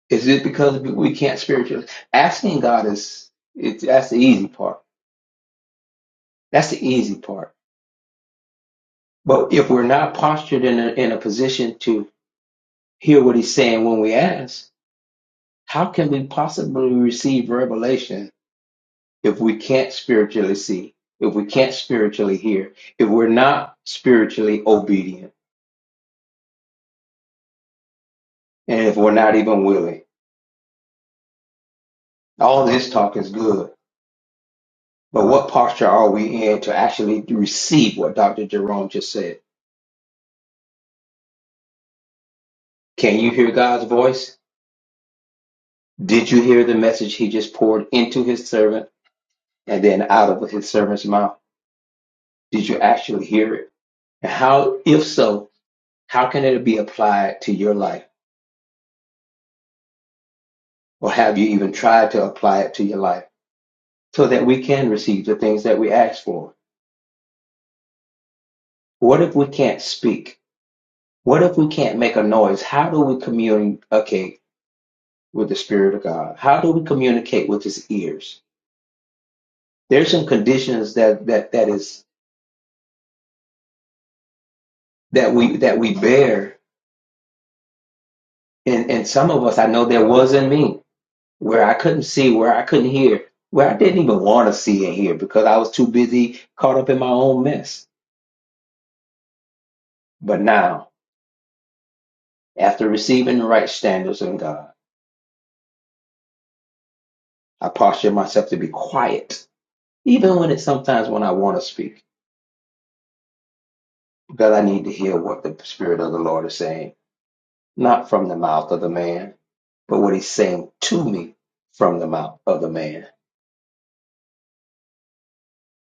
Speaker 5: Is it because we can't spiritually? Asking God is it, that's the easy part. That's the easy part. But if we're not postured in a, in a position to hear what He's saying when we ask, how can we possibly receive revelation if we can't spiritually see? If we can't spiritually hear? If we're not spiritually obedient? And if we're not even willing? All this talk is good, but what posture are we in to actually receive what Dr. Jerome just said? Can you hear God's voice? Did you hear the message he just poured into his servant and then out of his servant's mouth? Did you actually hear it? And how, if so, how can it be applied to your life? Or have you even tried to apply it to your life so that we can receive the things that we ask for? What if we can't speak? What if we can't make a noise? How do we communicate? with the spirit of God? How do we communicate with his ears? There's some conditions that that that is that we that we bear and and some of us I know there was in me where I couldn't see, where I couldn't hear, where I didn't even want to see and hear because I was too busy caught up in my own mess. But now, after receiving the right standards in God, I posture myself to be quiet, even when it's sometimes when I want to speak, because I need to hear what the Spirit of the Lord is saying, not from the mouth of the man but what he's saying to me from the mouth of the man.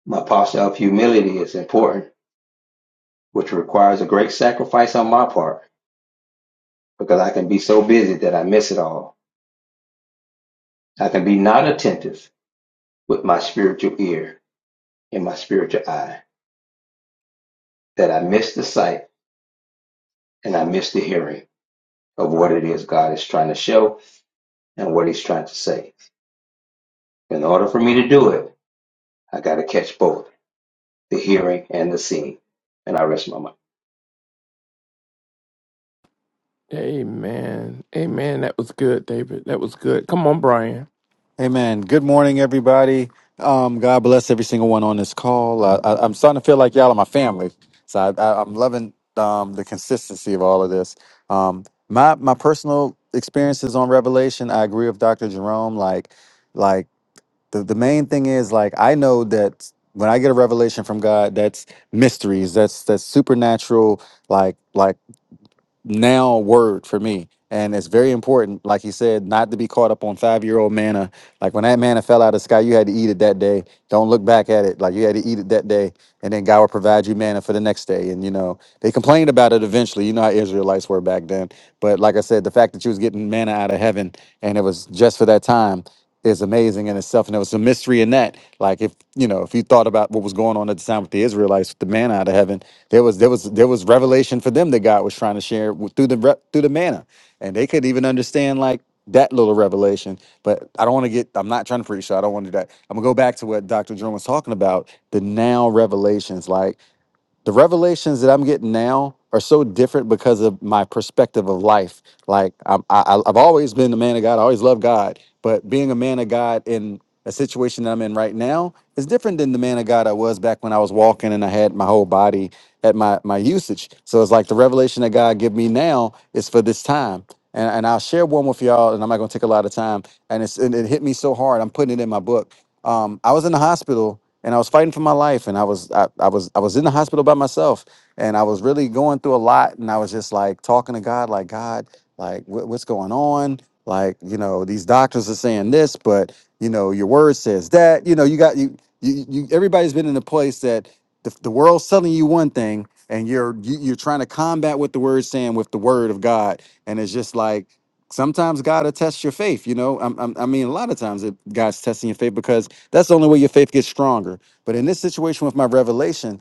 Speaker 5: My posture of humility is important, which requires a great sacrifice on my part because I can be so busy that I miss it all. I can be not attentive with my spiritual ear and my spiritual eye that I miss the sight and I miss the hearing of what it is God is trying to show and what he's trying to say. In order for me to do it, I got to catch both the hearing and the seeing. And I rest my mind.
Speaker 1: amen amen that was good david that was good come on brian
Speaker 6: Amen. Good morning, everybody. Um, God bless every single one on this call. I, I, I'm starting to feel like y'all are my family, so I, I, I'm loving um, the consistency of all of this. Um, my my personal experiences on Revelation, I agree with Dr. Jerome. Like, like the, the main thing is like I know that when I get a revelation from God, that's mysteries, that's that's supernatural, like like now word for me. And it's very important, like he said, not to be caught up on five year old manna. Like when that manna fell out of the sky, you had to eat it that day. Don't look back at it. Like you had to eat it that day. And then God will provide you manna for the next day. And, you know, they complained about it eventually. You know how Israelites were back then. But like I said, the fact that you was getting manna out of heaven and it was just for that time is amazing in itself. And there was a mystery in that. Like if, you know, if you thought about what was going on at the time with the Israelites, with the manna out of heaven, there was, there was, there was revelation for them that God was trying to share with- through the, re- through the manna and they couldn't even understand like that little revelation. But I don't want to get. I'm not trying to preach, so I don't want to do that. I'm gonna go back to what Dr. Jerome was talking about. The now revelations, like the revelations that I'm getting now are so different because of my perspective of life. Like I'm, I, I've always been a man of God. I always loved God, but being a man of God in a situation that I'm in right now is different than the man of God I was back when I was walking and I had my whole body at my my usage. So it's like the revelation that God give me now is for this time. And, and I'll share one with y'all, and I'm not gonna take a lot of time. And it's and it hit me so hard. I'm putting it in my book. Um, I was in the hospital and I was fighting for my life, and I was I, I was I was in the hospital by myself, and I was really going through a lot, and I was just like talking to God, like God, like what what's going on? Like you know, these doctors are saying this, but you know, your word says that. You know, you got you you, you everybody's been in a place that the, the world's telling you one thing, and you're you, you're trying to combat what the word's saying with the word of God, and it's just like. Sometimes God will test your faith, you know. I'm, I'm, I mean, a lot of times it, God's testing your faith because that's the only way your faith gets stronger. But in this situation with my revelation,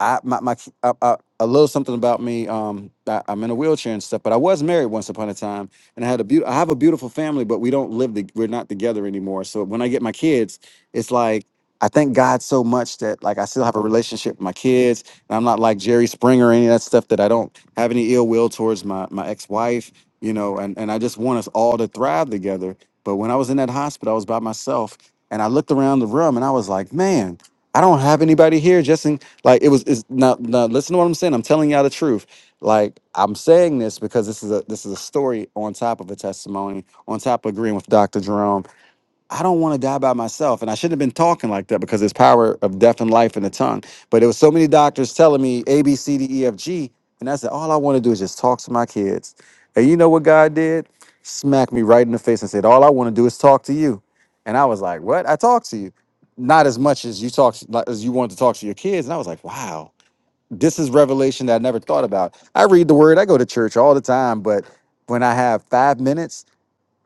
Speaker 6: I my, my I, I, a little something about me. Um, I, I'm in a wheelchair and stuff, but I was married once upon a time, and I had a beautiful. I have a beautiful family, but we don't live. The, we're not together anymore. So when I get my kids, it's like I thank God so much that like I still have a relationship with my kids, and I'm not like Jerry Springer or any of that stuff. That I don't have any ill will towards my my ex wife, you know, and and I just want us all to thrive together. But when I was in that hospital, I was by myself, and I looked around the room, and I was like, man. I don't have anybody here. Just in like it was is not now now listen to what I'm saying. I'm telling y'all the truth. Like I'm saying this because this is a this is a story on top of a testimony, on top of agreeing with Dr. Jerome. I don't want to die by myself. And I shouldn't have been talking like that because there's power of death and life in the tongue. But there was so many doctors telling me A, B, C, D, E, F, G. And I said, all I want to do is just talk to my kids. And you know what God did? Smacked me right in the face and said, all I want to do is talk to you. And I was like, what? I talked to you. Not as much as you talk like, as you wanted to talk to your kids. And I was like, wow, this is revelation that I never thought about. I read the word, I go to church all the time, but when I have five minutes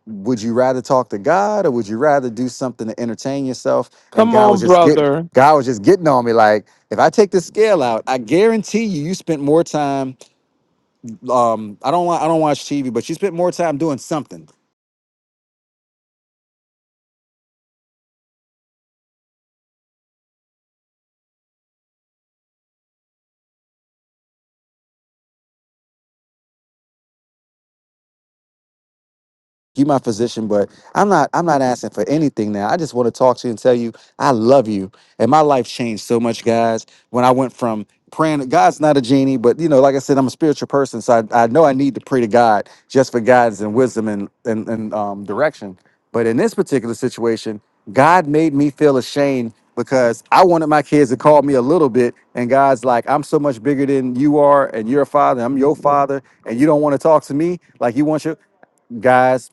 Speaker 6: would you rather talk to God or would you rather do something to entertain yourself? And
Speaker 1: come
Speaker 6: God was
Speaker 1: on
Speaker 6: just getting
Speaker 1: brother
Speaker 6: God was just getting on me like, if I take the scale out, I guarantee you, you spent more time. Um, I don't want I don't watch TV, but you spent more time doing something you my physician, but I'm not I'm not asking for anything now. I just want to talk to you and tell you I love you. And my life changed so much, guys, when I went from praying to God's not a genie, but you know, like I said, I'm a spiritual person. So I, I know I need to pray to God just for guidance and wisdom and and, and um, direction. But in this particular situation, God made me feel ashamed because I wanted my kids to call me a little bit. And God's like, I'm so much bigger than you are, and you're a father, I'm your father, and you don't want to talk to me like you want your guys.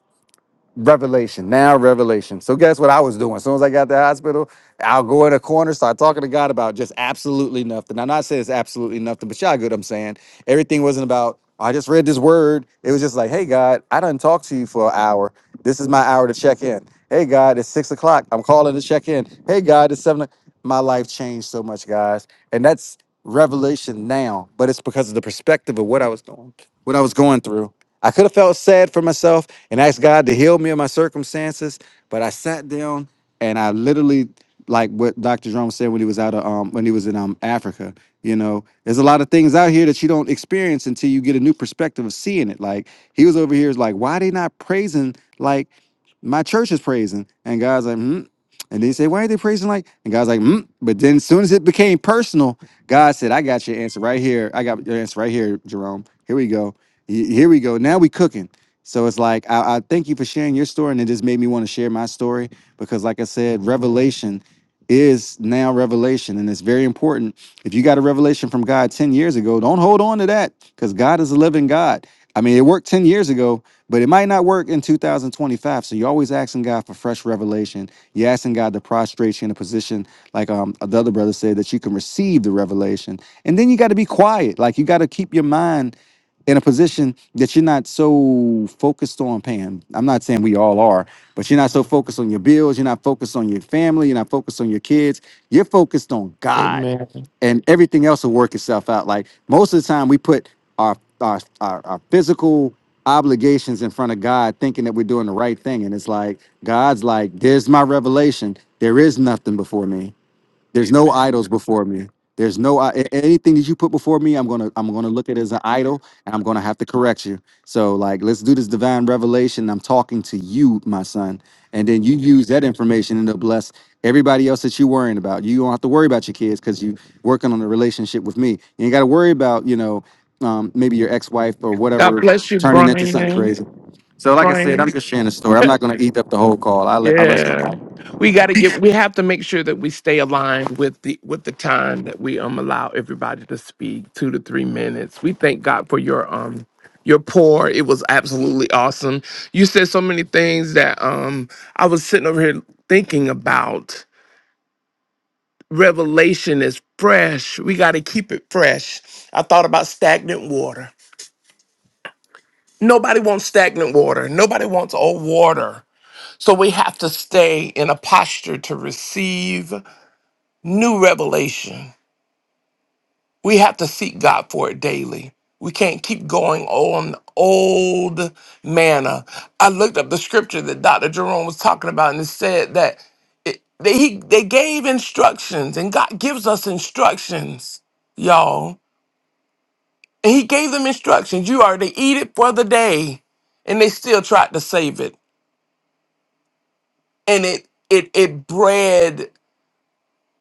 Speaker 6: Revelation, now revelation. So guess what I was doing? As soon as I got to the hospital, I'll go in a corner, start talking to God about just absolutely nothing. I'm not saying it's absolutely nothing, but y'all get what I'm saying. Everything wasn't about, I just read this word. It was just like, hey God, I done talked to you for an hour. This is my hour to check in. Hey God, it's six o'clock. I'm calling to check in. Hey God, it's seven. o- My life changed so much, guys. And that's revelation now, but it's because of the perspective of what I was doing, what I was going through. I could have felt sad for myself and asked God to heal me of my circumstances, but I sat down and I literally, like what Dr. Jerome said when he was out of um when he was in um Africa, you know, there's a lot of things out here that you don't experience until you get a new perspective of seeing it. Like he was over here is like, why they not praising like my church is praising? And God's like, hmm. And then he said, Why ain't they praising like? And God's like, mm. But then as soon as it became personal, God said, I got your answer right here. I got your answer right here, Jerome. Here we go Y- Here we go. Now we cooking. So it's like I, I thank you for sharing your story, and it just made me want to share my story because, like I said, revelation is now revelation, and it's very important. If you got a revelation from God ten years ago, don't hold on to that because God is a living God. I mean, it worked ten years ago, but it might not work in 2025. So you're always asking God for fresh revelation. You're asking God to prostrate you in a position, like um, the other brother said, that you can receive the revelation. And then you got to be quiet. Like you got to keep your mind in a position that you're not so focused on paying. I'm not saying we all are, but you're not so focused on your bills, you're not focused on your family, you're not focused on your kids. You're focused on God
Speaker 1: amen
Speaker 6: and everything else will work itself out. Like most of the time we put our our our, our physical obligations in front of God thinking that we're doing the right thing and it's like God's like there's my revelation. There is nothing before me. There's no idols before me. There's no i- a- anything that you put before me. I'm gonna I'm gonna look at it as an idol, and I'm gonna have to correct you. So like, let's do this divine revelation. I'm talking to you, my son, and then you use that information and to bless everybody else that you're worrying about. You don't have to worry about your kids because you working on a relationship with me. You ain't got to worry about you know um, maybe your ex-wife or
Speaker 1: god
Speaker 6: whatever
Speaker 1: bless you
Speaker 6: turning into something
Speaker 1: brian
Speaker 6: crazy. So like I said,
Speaker 1: brian
Speaker 6: I'm just sharing a story. I'm not gonna eat up the whole call. I let I rest.
Speaker 1: Yeah. We got to get we have to make sure that we stay aligned with the with the time that we um allow everybody to speak 2 to 3 minutes. We thank God for your um your pour. It was absolutely awesome. You said so many things that um I was sitting over here thinking about. Revelation is fresh. We got to keep it fresh. I thought about stagnant water. Nobody wants stagnant water. Nobody wants old water. So we have to stay in a posture to receive. new revelation. We have to seek God for it daily. We can't keep going on old manna. I looked up the scripture that Dr. Jerome was talking about, and it said that it, they, he, they gave instructions, and God gives us instructions, y'all. And He gave them instructions. You are to eat it for the day, and they still tried to save it, and it it it bred.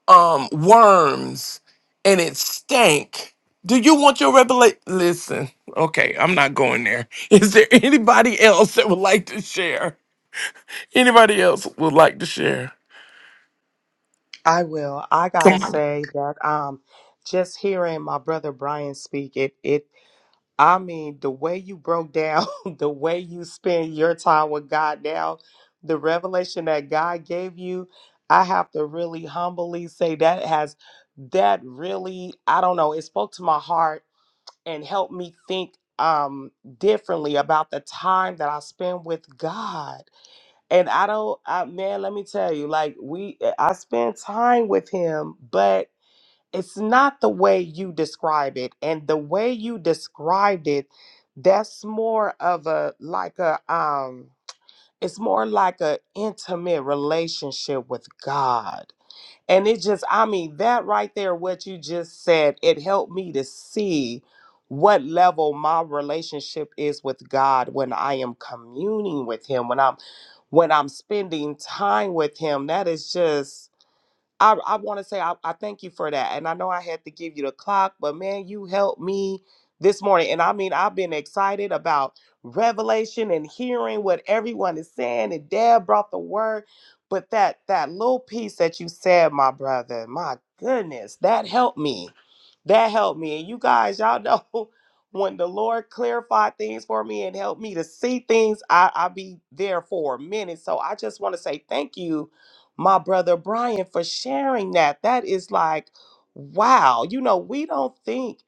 Speaker 1: um worms and it stank. Do you want your revelation? Listen, okay, I'm not going there. Is there anybody else that would like to share? Anybody else would like to share?
Speaker 3: I will. I gotta
Speaker 1: Come on.
Speaker 3: say that um just hearing my brother Brian speak, it it I mean, the way you broke down, the way you spend your time with God now, the revelation that God gave you, I have to really humbly say that has, that really, I don't know, it spoke to my heart and helped me think um differently about the time that I spend with God. And I don't I man, let me tell you, like we I spend time with him, but it's not the way you describe it and the way you described it that's more of a like a um it's more like a intimate relationship with god and it just i mean that right there what you just said it helped me to see what level my relationship is with god when i am communing with him when i'm when i'm spending time with him that is just I, I want to say I, I thank you for that. And I know I had to give you the clock, but man, you helped me this morning. And I mean, I've been excited about revelation and hearing what everyone is saying. And Dad brought the word. But that that little piece that you said, my brother, my goodness, that helped me. That helped me. And you guys, y'all know when the Lord clarified things for me and helped me to see things, I, I'll be there for a minute. So I just want to say thank you my brother Brian for sharing that. That is like, wow. You know, we don't think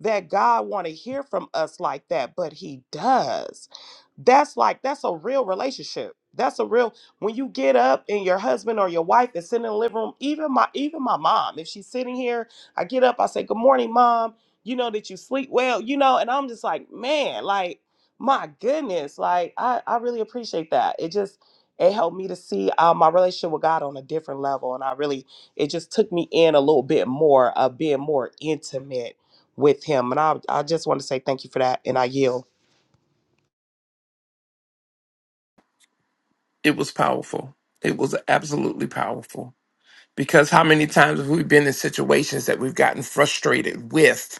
Speaker 3: that God want to hear from us like that, but he does. That's like that's a real relationship. That's a real when you get up and your husband or your wife is sitting in the living room, even my even my mom, if she's sitting here, I get up, I say, Good morning, mom. You know, that you sleep well, you know, and I'm just like, man, like my goodness, like I, I really appreciate that. It just it helped me to see uh, my relationship with God on a different level. And I really, it just took me in a little bit more of being more intimate with Him. And I, I just want to say thank you for that. And I yield.
Speaker 1: It was powerful. It was absolutely powerful. Because how many times have we been in situations that we've gotten frustrated with?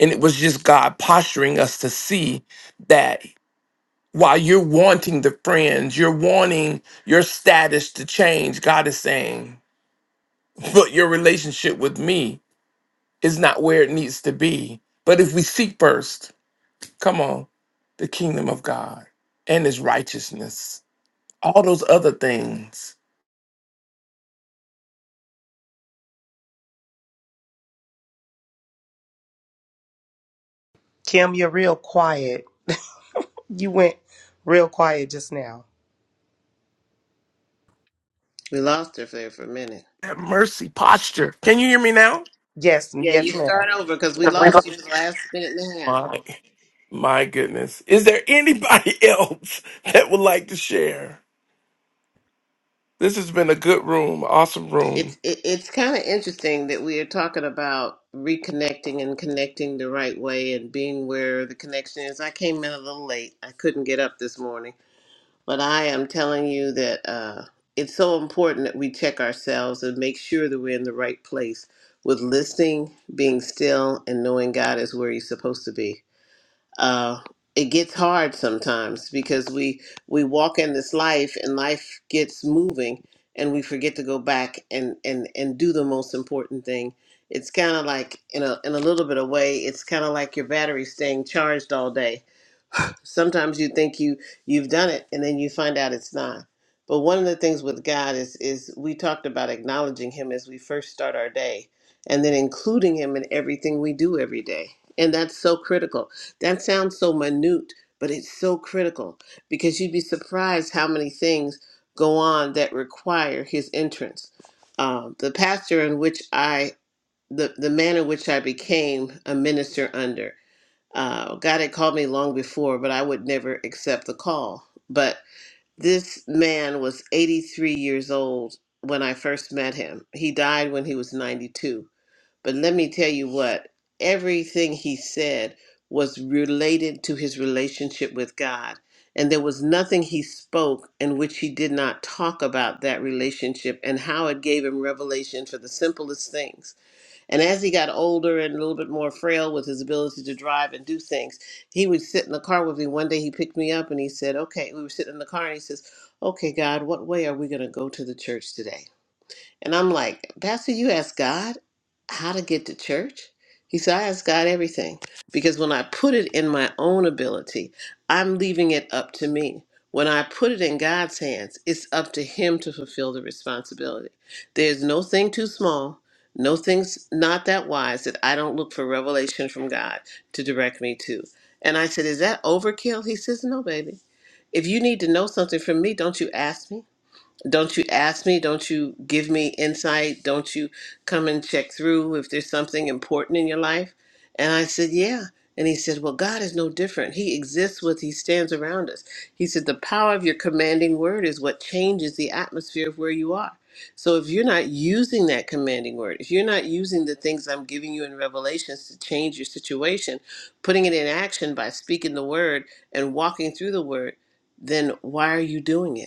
Speaker 1: And it was just God posturing us to see that while you're wanting the friends, you're wanting your status to change, God is saying, But your relationship with me is not where it needs to be. But if we seek first, come on, the kingdom of God and his righteousness, all those other things,
Speaker 3: Kim, you're real quiet. You went real quiet just now.
Speaker 7: We lost her there for a minute.
Speaker 1: that mercy posture. Can you hear me now?
Speaker 3: Yes,
Speaker 7: Yeah, you
Speaker 3: yes, ma'am.
Speaker 7: start over because we lost you for the last minute and a half.
Speaker 1: My, my goodness. Is there anybody else that would like to share? This has been a good room, awesome
Speaker 7: It's
Speaker 1: room.
Speaker 7: it, it's kind of interesting that we are talking about reconnecting and connecting the right way and being where the connection is. I came in a little late. I couldn't get up this morning, but I am telling you that uh, it's so important that we check ourselves and make sure that we're in the right place with listening, being still, and knowing God is where He's supposed to be. uh, it gets hard sometimes because we we walk in this life and life gets moving and we forget to go back and and and do the most important thing it's kind of like in a in a little bit of way it's kind of like your battery staying charged all day sometimes you think you you've done it and then you find out it's not but one of the things with god is is we talked about acknowledging him as we first start our day and then including him in everything we do every day and that's so critical that sounds so minute but it's so critical because you'd be surprised how many things go on that require his entrance um, the pastor in which i the, the manner in which i became a minister under uh, God had called me long before, but I would never accept the call. But this man was 83 years old when I first met him. He died when he was 92. But let me tell you what, everything he said was related to his relationship with God. And there was nothing he spoke in which he did not talk about that relationship and how it gave him revelation for the simplest things and as he got older and a little bit more frail with his ability to drive and do things, he would sit in the car with me. One day he picked me up and he said, Okay, we were sitting in the car and he says, Okay, God, what way are we going to go to the church today? And I'm like, Pastor, you ask God how to get to church? He said, I ask God everything. Because when I put it in my own ability, I'm leaving it up to me. When I put it in God's hands, it's up to Him to fulfill the responsibility. There's no thing too small, no things not that wise that I don't look for revelation from God to direct me to. And I said, Is that overkill? He says, No, baby. If you need to know something from me, don't you ask me? Don't you ask me? Don't you give me insight? Don't you come and check through if there's something important in your life? And I said, Yeah. And he said, Well, God is no different. He exists with, He stands around us. He said, The power of your commanding word is what changes the atmosphere of where you are. So if you're not using that commanding word, if you're not using the things I'm giving you in Revelations to change your situation, putting it in action by speaking the word and walking through the word, then why are you doing it?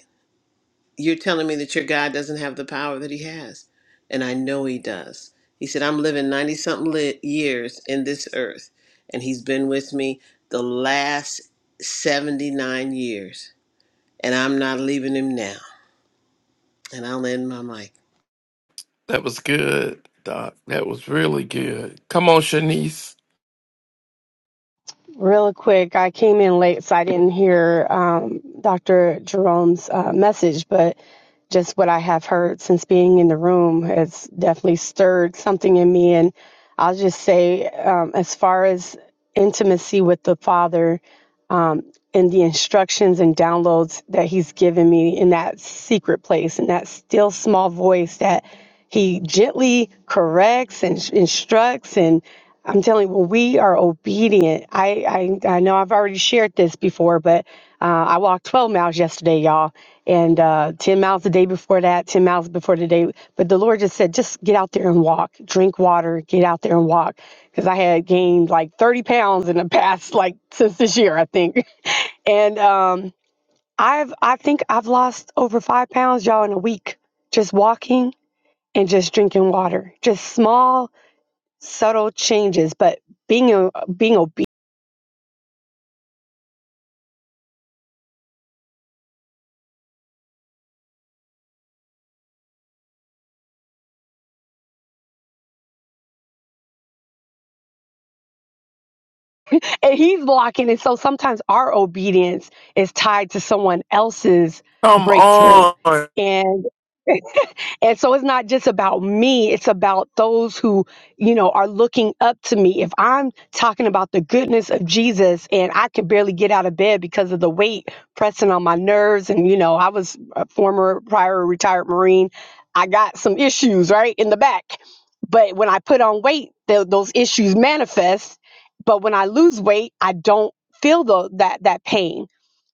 Speaker 7: you're telling me that your God doesn't have the power that he has. And I know he does. He said, I'm living 90 something li- years in this earth, and he's been with me the last 79 years, and I'm not leaving him now. And I'll end my mic.
Speaker 1: That was good, Doc. That was really good. Come on, Shanice.
Speaker 8: Real quick, I came in late, so I didn't hear um, Dr. Jerome's uh, message, but just what I have heard since being in the room has definitely stirred something in me. And I'll just say, um, as far as intimacy with the Father, um, and the instructions and downloads that he's given me in that secret place in that still small voice that he gently corrects and sh- instructs and i'm telling you when we are obedient I, I i know i've already shared this before but uh, I walked 12 miles yesterday, y'all, and uh, 10 miles the day before that, 10 miles before the day. But the Lord just said, just get out there and walk, drink water, get out there and walk. Because I had gained like 30 pounds in the past, like since this year, I think. And um, I've, I think I've lost over five pounds, y'all, in a week, just walking and just drinking water. Just small, subtle changes, but being, o- being obedient and he's blocking it. So sometimes our obedience is tied to someone else's
Speaker 1: Come
Speaker 8: breakthrough.
Speaker 1: on.
Speaker 8: and. And so it's not just about me, it's about those who, you know, are looking up to me. If I'm talking about the goodness of Jesus and I can barely get out of bed because of the weight pressing on my nerves, and, you know, I was a former prior retired Marine, I got some issues, right, in the back. But when I put on weight, tho- those issues manifest. But when I lose weight, I don't feel the, that that pain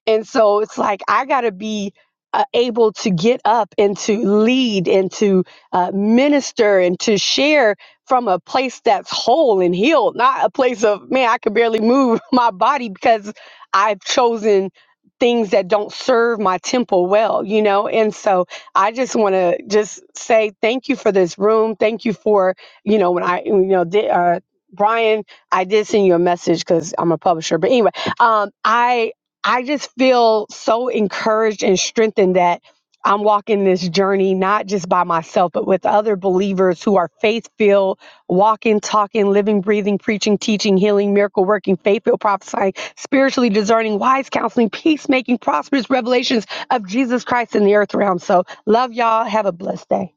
Speaker 8: and so it's like I got to be uh, able to get up and to lead and to uh, minister and to share from a place that's whole and healed, not a place of, man, I can barely move my body because I've chosen things that don't serve my temple well, you know? And so I just want to just say thank you for this room. Thank you for, you know, when I, you know, di- uh, Brian, I did send you a message because I'm a publisher. But anyway, um, I I just feel so encouraged and strengthened that I'm walking this journey not just by myself, but with other believers who are faith filled, walking, talking, living, breathing, preaching, teaching, healing, miracle working, faith filled, prophesying, spiritually discerning, wise counseling, peacemaking, prosperous revelations of Jesus Christ in the earth realm. So, love y'all. Have a blessed day.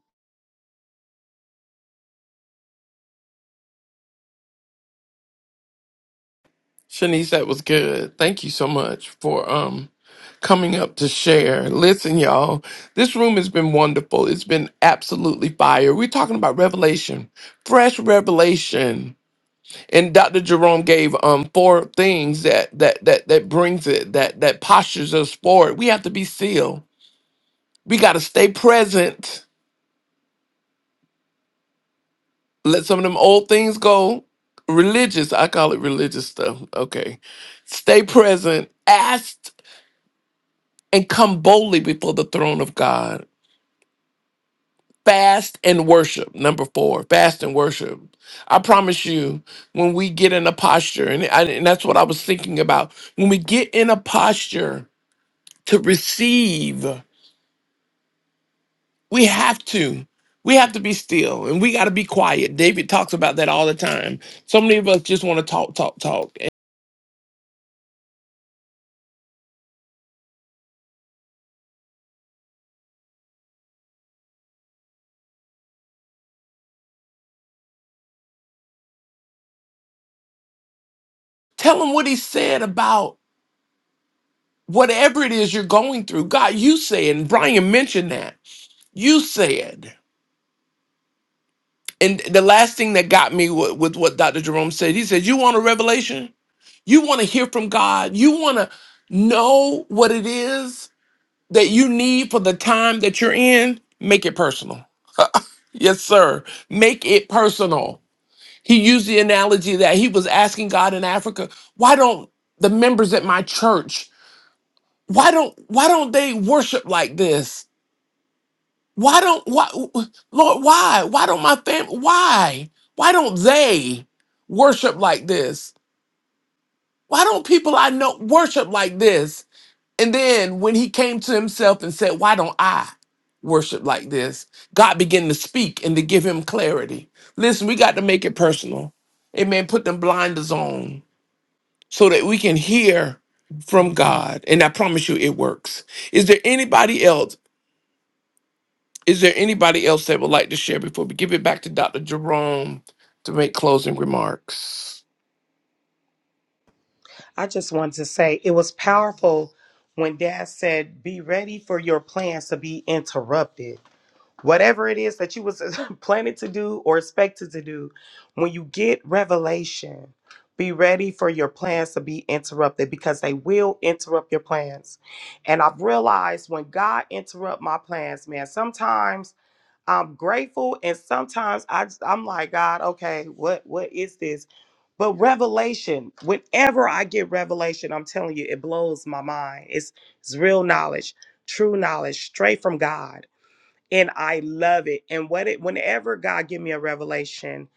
Speaker 1: Shanice, that was good. Thank you so much for um coming up to share. Listen, y'all, this room has been wonderful. It's been absolutely fire. We're talking about revelation, fresh revelation. And Dr. Jerome gave um four things that that that that brings it, that that postures us forward. We have to be still. We gotta stay present. Let some of them old things go. Religious, I call it religious stuff. Okay. Stay present. Ask and come boldly before the throne of God. Fast and worship. Number four, fast and worship. I promise you, when we get in a posture, and, I, and that's what I was thinking about, when we get in a posture to receive, we have to. We have to be still and we got to be quiet. David talks about that all the time. So many of us just want to talk, talk, talk. Tell him what he said about whatever it is you're going through. God, you said, and Brian mentioned that. You said. And the last thing that got me with, with what Dr. Jerome said, he said, You want a revelation? You want to hear from God? You want to know what it is that you need for the time that you're in? Make it personal. Yes, sir. Make it personal. He used the analogy that he was asking God in Africa, why don't the members at my church, why don't why don't they worship like this? Why don't why Lord, why? Why don't my family why? Why don't they worship like this? Why don't people I know worship like this? And then when he came to himself and said, Why don't I worship like this? God began to speak and to give him clarity. Listen, we got to make it personal. Amen. Put them blinders on so that we can hear from God. And I promise you it works. Is there anybody else Is there anybody else that would like to share before we give it back to Dr. Jerome to make closing remarks?
Speaker 3: I just wanted to say it was powerful when Dad said, be ready for your plans to be interrupted. whatever it is that you was planning to do or expected to do when you get revelation be ready for your plans to be interrupted because they will interrupt your plans and i've realized when god interrupt my plans man sometimes i'm grateful and sometimes I, just- i'm like god okay what what is this but revelation whenever i get revelation i'm telling you it blows my mind it's it's real knowledge true knowledge straight from god and I love it. And what it whenever God give me a revelation,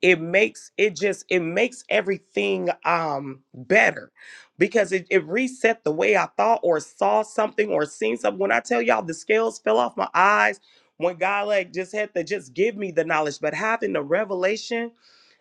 Speaker 3: it makes it just it makes everything um better because it, it reset the way I thought or saw something or seen something. When I tell y'all the scales fell off my eyes, when God like just had to just give me the knowledge, but having the revelation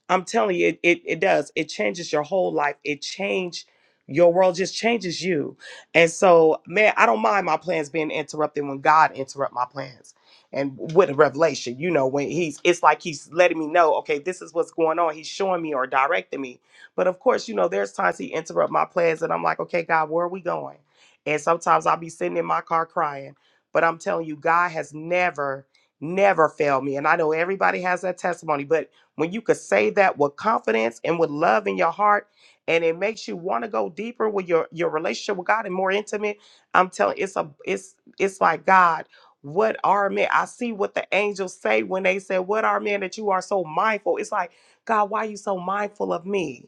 Speaker 3: I'm telling you, it, it, it does. It changes your whole life. It changed your world, just changes you. And so, man, I don't mind my plans being interrupted when God interrupt my plans. And with a revelation, you know, when he's, it's like he's letting me know, okay, this is what's going on. He's showing me or directing me. But of course, you know, there's times he interrupt my plans and I'm like, okay, God, where are we going? And sometimes I'll be sitting in my car crying. But I'm telling you, God has never, never failed me. And I know everybody has that testimony, but when you could say that with confidence and with love in your heart, and it makes you want to go deeper with your your relationship with God and more intimate. I'm telling it's a it's it's like God. What are men? I see what the angels say when they say, "What are men that you are so mindful?" It's like God, why are you so mindful of me?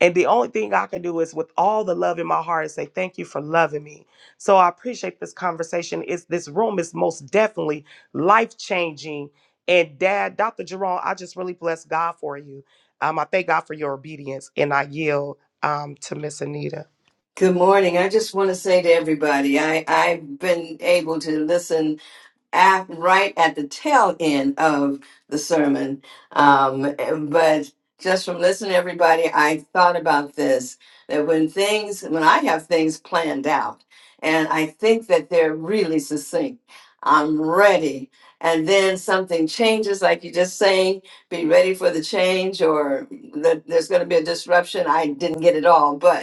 Speaker 3: And the only thing I can do is with all the love in my heart is say, thank you for loving me. So I appreciate this conversation. Is this room is most definitely life changing and dad, Dr. Jerome, I just really bless God for you. Um, I thank God for your obedience and I yield um, to Miss Anita.
Speaker 9: Good morning. I just want to say to everybody, I, I've been able to listen at, right at the tail end of the sermon. Um, but just from listening to everybody, I thought about this that when things, when I have things planned out, and I think that they're really succinct, I'm ready. And then something changes, like you're just saying, be ready for the change, or that there's going to be a disruption. I didn't get it all, but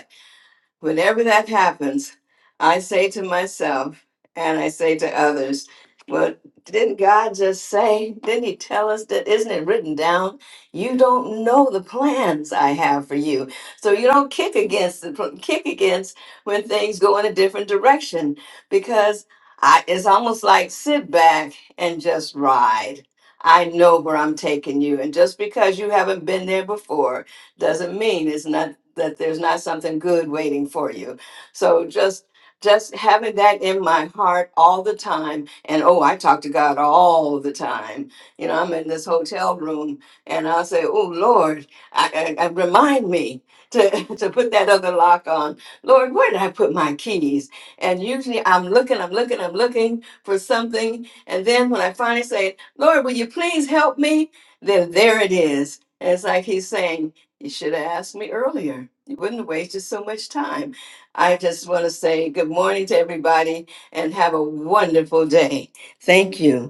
Speaker 9: Whenever that happens, I say to myself and I say to others, well, didn't God just say? Didn't He tell us that? Isn't it written down? You don't know the plans I have for you, so you don't kick against the pl- kick against when things go in a different direction because I, it's almost like sit back and just ride. I know where I'm taking you, and just because you haven't been there before doesn't mean it's not that there's not something good waiting for you. So just just having that in my heart all the time and oh I talk to God all the time. You know, I'm in this hotel room and I'll say, Oh Lord, I, I, I remind me to, to put that other lock on. Lord, where did I put my keys? And usually I'm looking, I'm looking, I'm looking for something. And then when I finally say, Lord, will you please help me? Then there it is. And it's like he's saying, you should have asked me earlier. You wouldn't have wasted so much time. I just want to say good morning to everybody and have a wonderful day. Thank you.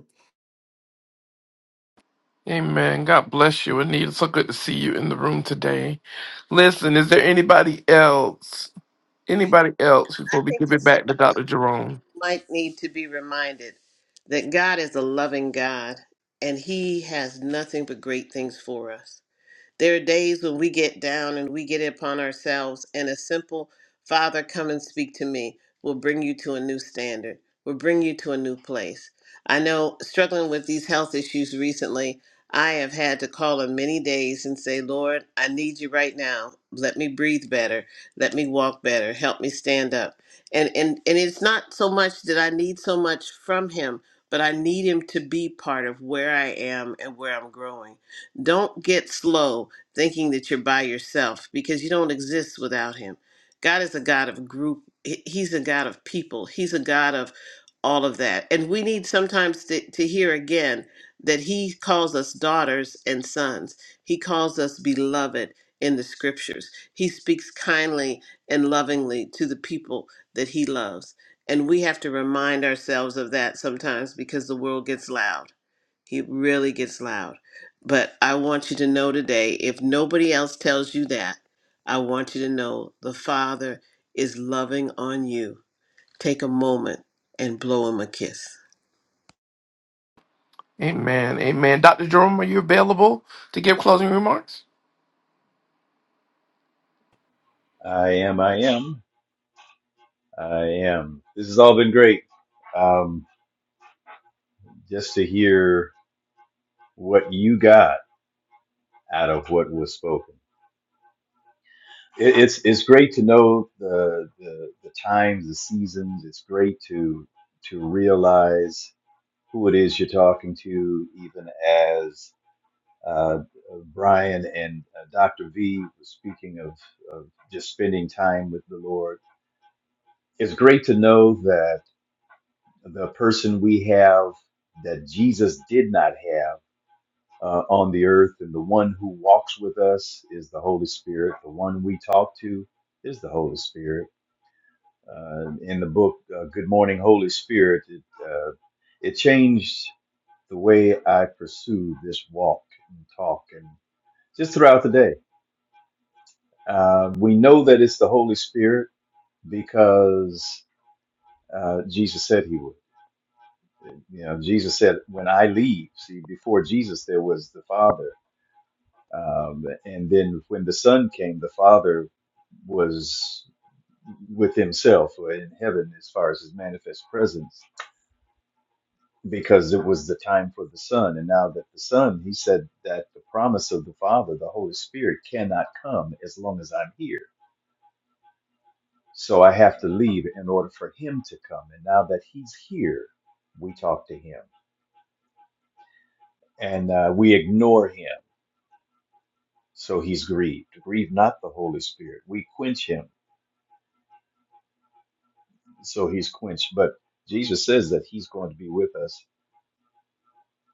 Speaker 1: Amen. God bless you, Anita. So good to see you in the room today. Listen, is there anybody else? Anybody else
Speaker 7: I
Speaker 1: before we
Speaker 7: think
Speaker 1: give
Speaker 7: that
Speaker 1: it back to Dr.
Speaker 7: somebody
Speaker 1: Jerome?
Speaker 7: might need to be reminded that God is a loving God, and he has nothing but great things for us. There are days when we get down and we get upon ourselves, and a simple Father, come and speak to me will bring you to a new standard, will bring you to a new place. I know struggling with these health issues recently, I have had to call on many days and say, Lord, I need you right now. Let me breathe better. Let me walk better. Help me stand up. And, and, and it's not so much that I need so much from Him, but I need Him to be part of where I am and where I'm growing. Don't get slow thinking that you're by yourself because you don't exist without him. God is a God of group, He- he's a God of people, he's a God of all of that. And we need sometimes to, to hear again that he calls us daughters and sons. He calls us beloved in the scriptures. He speaks kindly and lovingly to the people that he loves. And we have to remind ourselves of that sometimes because the world gets loud. He really gets loud. But I want you to know today if nobody else tells you that, I want you to know the Father is loving on you. Take a moment and blow him a kiss.
Speaker 1: Amen. Amen. Dr. Jerome, are you available to give closing remarks?
Speaker 2: I am, I am, I am. This has all been great. Um, just to hear what you got out of what was spoken. It, it's it's great to know the, the the times, the seasons. It's great to to realize who it is you're talking to, even Uh, Brian and uh, Dr. V was speaking of, of just spending time with the Lord. It's great to know that the person we have that Jesus did not have uh, on the earth, and the one who walks with us is the Holy Spirit. The one we talk to is the Holy Spirit. Uh, in the book uh, "Good Morning, Holy Spirit," it, uh, it changed the way I pursued this walk and talk, and just throughout the day. Uh, we know that it's the Holy Spirit because uh, Jesus said he would. You know, Jesus said, "When I leave." See, before Jesus, there was the Father, um, and then when the Son came, the Father was with Himself or in heaven, as far as His manifest presence, because it was the time for the Son. And now that the Son, He said that the promise of the Father, the Holy Spirit, cannot come as long as I'm here So I have to leave in order for him to come. And now that he's here, we talk to him and uh, we ignore him. So he's grieved. Grieve not the Holy Spirit. We quench him. So he's quenched. But Jesus says that he's going to be with us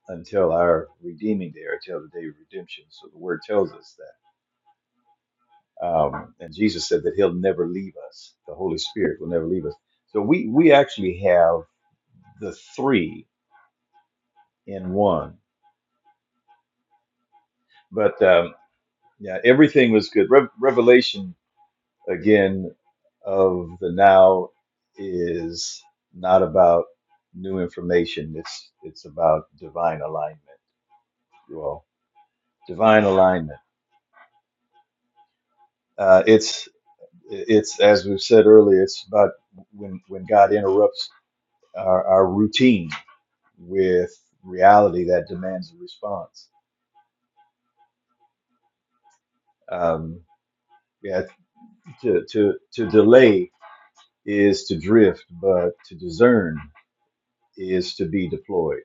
Speaker 2: until our redeeming day or until the day of redemption. So the word tells us that. Um, and Jesus said that he'll never leave us. The Holy Spirit will never leave us. So we, we actually have the three in one. But um, Yeah, everything was good. Re- Revelation again of the now is not about new information. It's it's about divine alignment. Well, divine alignment. Uh, it's it's as we've said earlier. It's about when when God interrupts our, our routine with reality that demands a response. Um, yeah, to to to delay is to drift, but to discern is to be deployed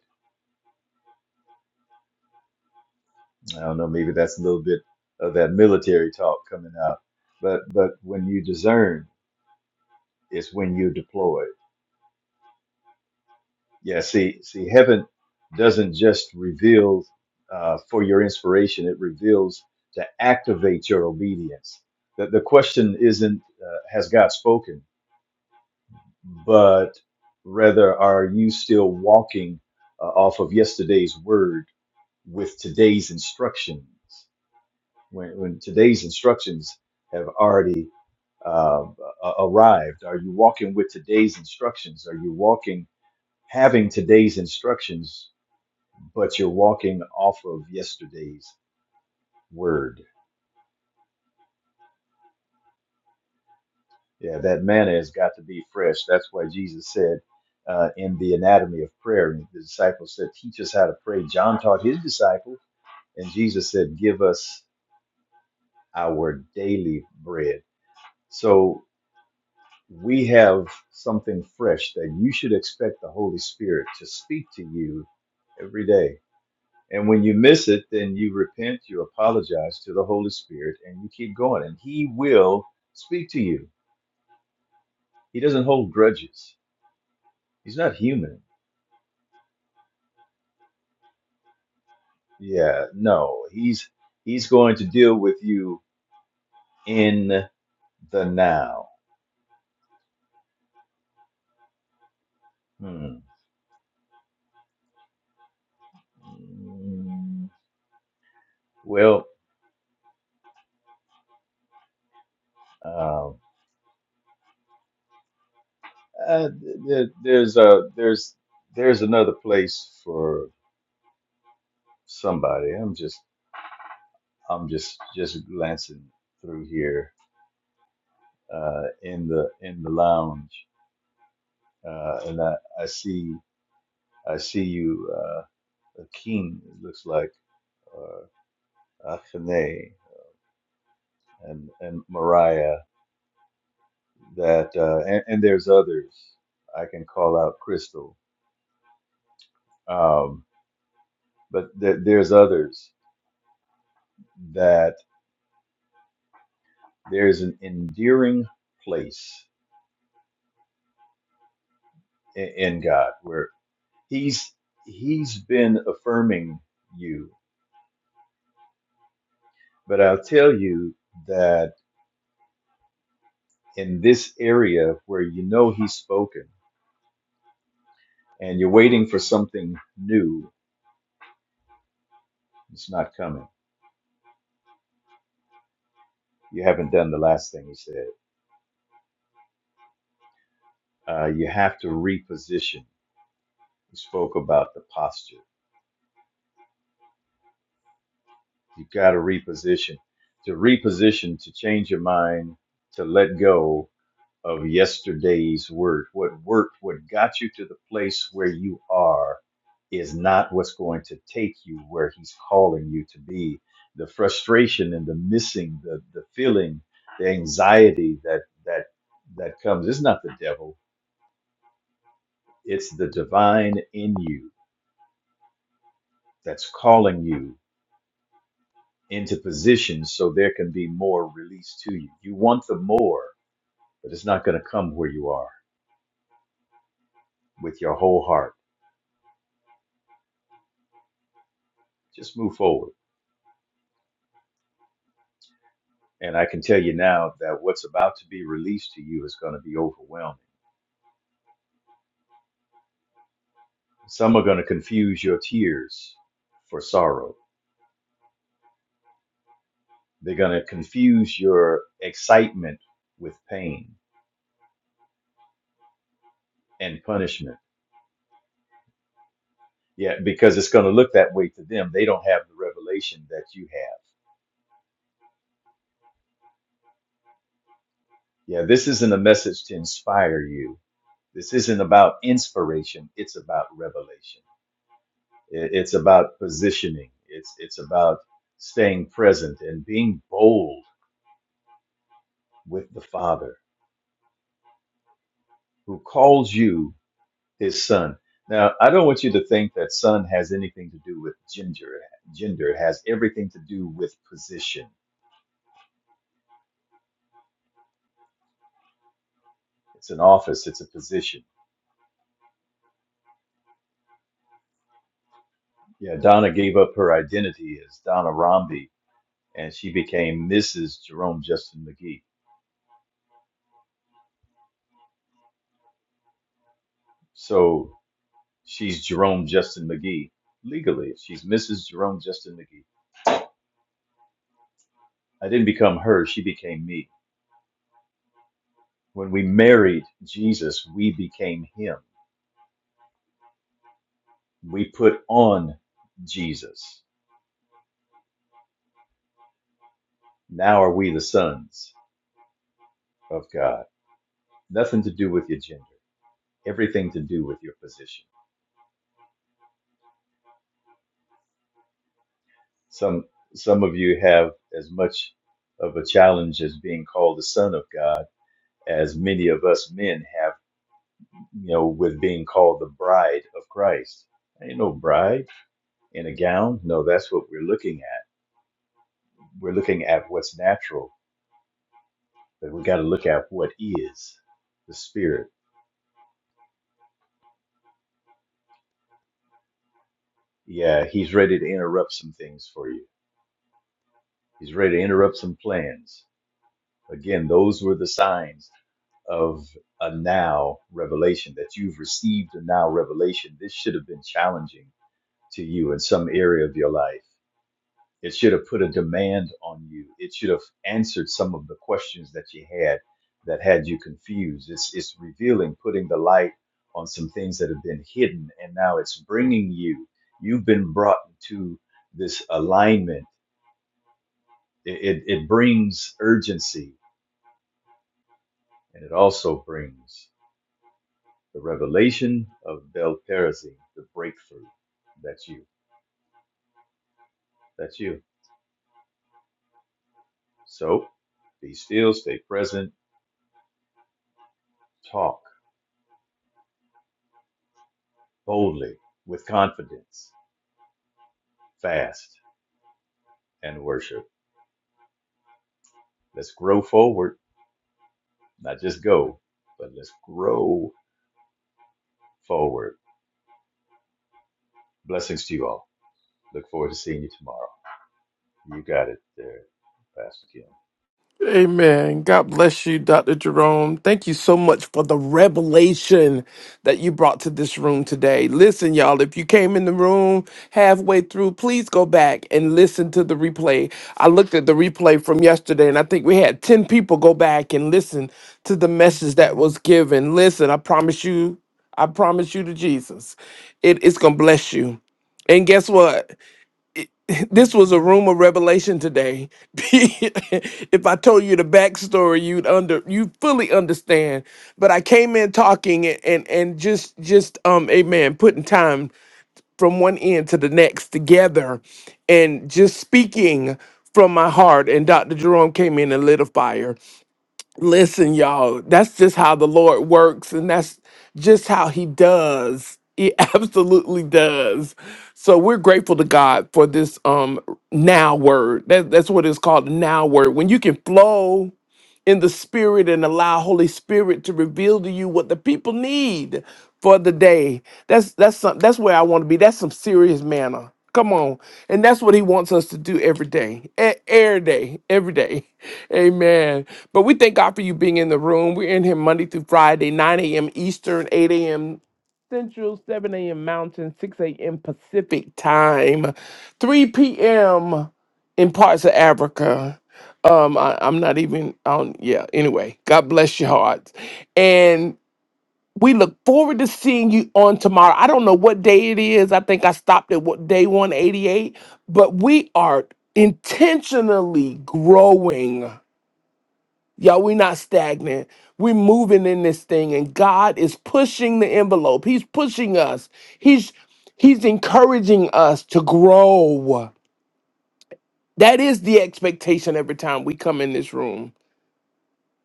Speaker 2: I don't know, maybe that's a little bit of that military talk coming out. But but when you discern, it's when you deploy. Yeah, see see heaven doesn't just reveal uh, for your inspiration, it reveals to activate your obedience. The, the question isn't uh, has God spoken, but rather are you still walking uh, off of yesterday's word with today's instructions? When, when today's instructions have already uh, a- arrived? Are you walking with today's instructions? Are you walking having today's instructions, but you're walking off of yesterday's word? Yeah, that manna has got to be fresh. That's why Jesus said uh, in the anatomy of prayer, the disciples said, Teach us how to pray. John taught his disciples, and Jesus said, Give us our daily bread. So we have something fresh that you should expect the Holy Spirit to speak to you every day And when you miss it, then you repent, you apologize to the Holy Spirit, and you keep going. And He will speak to you. He doesn't hold grudges. He's not human. Yeah, no. He's He's going to deal with you in the now. Hmm. Mm, Well, um, uh, th- th- there's a there's there's another place for somebody. I'm just I'm just just glancing through here uh, in the in the lounge, uh, and I, I see I see you, uh, a king. It looks like or Achene and and Mariah. That uh, and, and there's others I can call out Crystal, um, but there, there's others that there's an endearing place in, in God where He's He's been affirming you, but I'll tell you that. in this area where you know he's spoken and you're waiting for something new, it's not coming. You haven't done the last thing he said. Uh, you have to reposition. He spoke about the posture. You've got to reposition. To reposition, to change your mind, to let go, of yesterday's work. What worked, what got you to the place where you are, is not what's going to take you where He's calling you to be. The frustration and the missing, the the feeling, the anxiety that that that comes is not the devil. It's the divine in you that's calling you into position so there can be more released to you. You want the more, but it's not going to come where you are with your whole heart. Just move forward And I can tell you now that what's about to be released to you is going to be overwhelming. Some are going to confuse your tears for sorrow, they're going to confuse your excitement with pain and punishment. Yeah, because it's going to look that way to them. They don't have the revelation that you have. Yeah, this isn't a message to inspire you. This isn't about inspiration. It's about revelation. I- It's about positioning. It's it's about staying present and being bold with the Father who calls you his son. Now, I don't want you to think that son has anything to do with gender. Gender has everything to do with position. It's an office, it's a position. Yeah, Donna gave up her identity as Donna Romney and she became Mrs. Jerome Justin McGee. So she's Jerome Justin McGee legally. She's Mrs. Jerome Justin McGee. I didn't become her, she became me. When we married Jesus, we became him. We put on Jesus. Now are we the sons of God. Nothing to do with your gender, everything to do with your position. Some some of you have as much of a challenge as being called the son of God as many of us men have, you know, with being called the bride of Christ. Ain't no bride in a gown. No, that's what we're looking at. We're looking at what's natural, but we got to look at what is the spirit. Yeah, he's ready to interrupt some things for you. He's ready to interrupt some plans Again, those were the signs of a now revelation that you've received a now revelation. This should have been challenging to you in some area of your life. It should have put a demand on you. It should have answered some of the questions that you had that had you confused. It's, it's revealing, putting the light on some things that have been hidden, and now it's bringing you. You've been brought to this alignment. It, it, it brings urgency and it also brings The revelation of Belterazine, the breakthrough. That's you. That's you. So be still, stay present, talk boldly with confidence, fast, and worship. Let's work, not just go, but let's grow forward. Blessings to you all. Look forward to seeing you tomorrow. You got it there. Bye.
Speaker 1: Amen. God bless you, Dr. Jerome. Thank you so much for the revelation that you brought to this room today. Listen, y'all, if you came in the room halfway through, please go back and listen to the replay. I looked at the replay from yesterday and I think we had 10 people go back and listen to the message that was given. Listen, I promise you, I promise you to Jesus, it is going to bless you. And guess what? This was a room of revelation today. if I told you the backstory, you'd under you fully understand. But I came in talking and, and and just just um amen, putting time from one end to the next together, and just speaking from my heart. And Dr. Jerome came in and lit a fire. Listen, y'all, that's just how the Lord works, and that's just how He does. He absolutely does. So we're grateful to God for this um now word. That, that's what it's called, the now word. When you can flow in the spirit and allow Holy Spirit to reveal to you what the people need for the day. That's that's some, that's where I want to be. That's some serious manner. Come on. And that's what he wants us to do every day. e- Every day. Every day. Amen. But we thank God for you being in the room. We're in here Monday through Friday, 9 a.m. Eastern, 8 a.m. Central, 7 a.m. Mountain, 6 a.m. Pacific time, 3 p.m. in parts of Africa. Um, I, I'm not even on. Yeah. Anyway, God bless your hearts, and we look forward to seeing you on tomorrow. I don't know what day it is. I think I stopped at what day 188, but we are intentionally growing. Y'all, we're not stagnant. We're moving in this thing, and God is pushing the envelope. He's pushing us. He's He's encouraging us to grow. That is the expectation every time we come in this room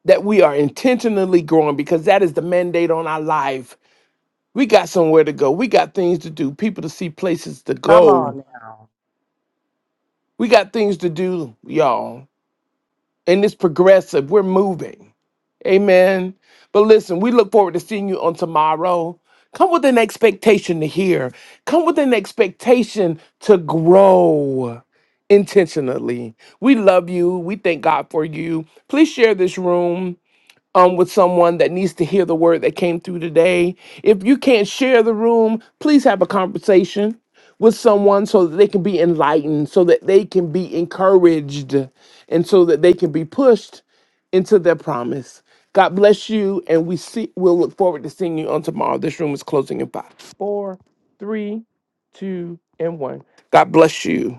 Speaker 1: that we are intentionally growing because that is the mandate on our life. We got somewhere to go. We got things to do, people to see, places to
Speaker 3: Come
Speaker 1: go.
Speaker 3: on now.
Speaker 1: We got things to do, y'all. And it's progressive. We're moving. Amen. But listen, we look forward to seeing you on tomorrow. Come with an expectation to hear, come with an expectation to grow intentionally. We love you. We thank God for you. Please share this room um, with someone that needs to hear the word that came through today. If you can't share the room, please have a conversation with someone so that they can be enlightened, so that they can be encouraged, and so that they can be pushed into their promise. God bless you, and we see we'll look forward to seeing you on tomorrow. This room is closing in five, four, three, two, and one. God bless you.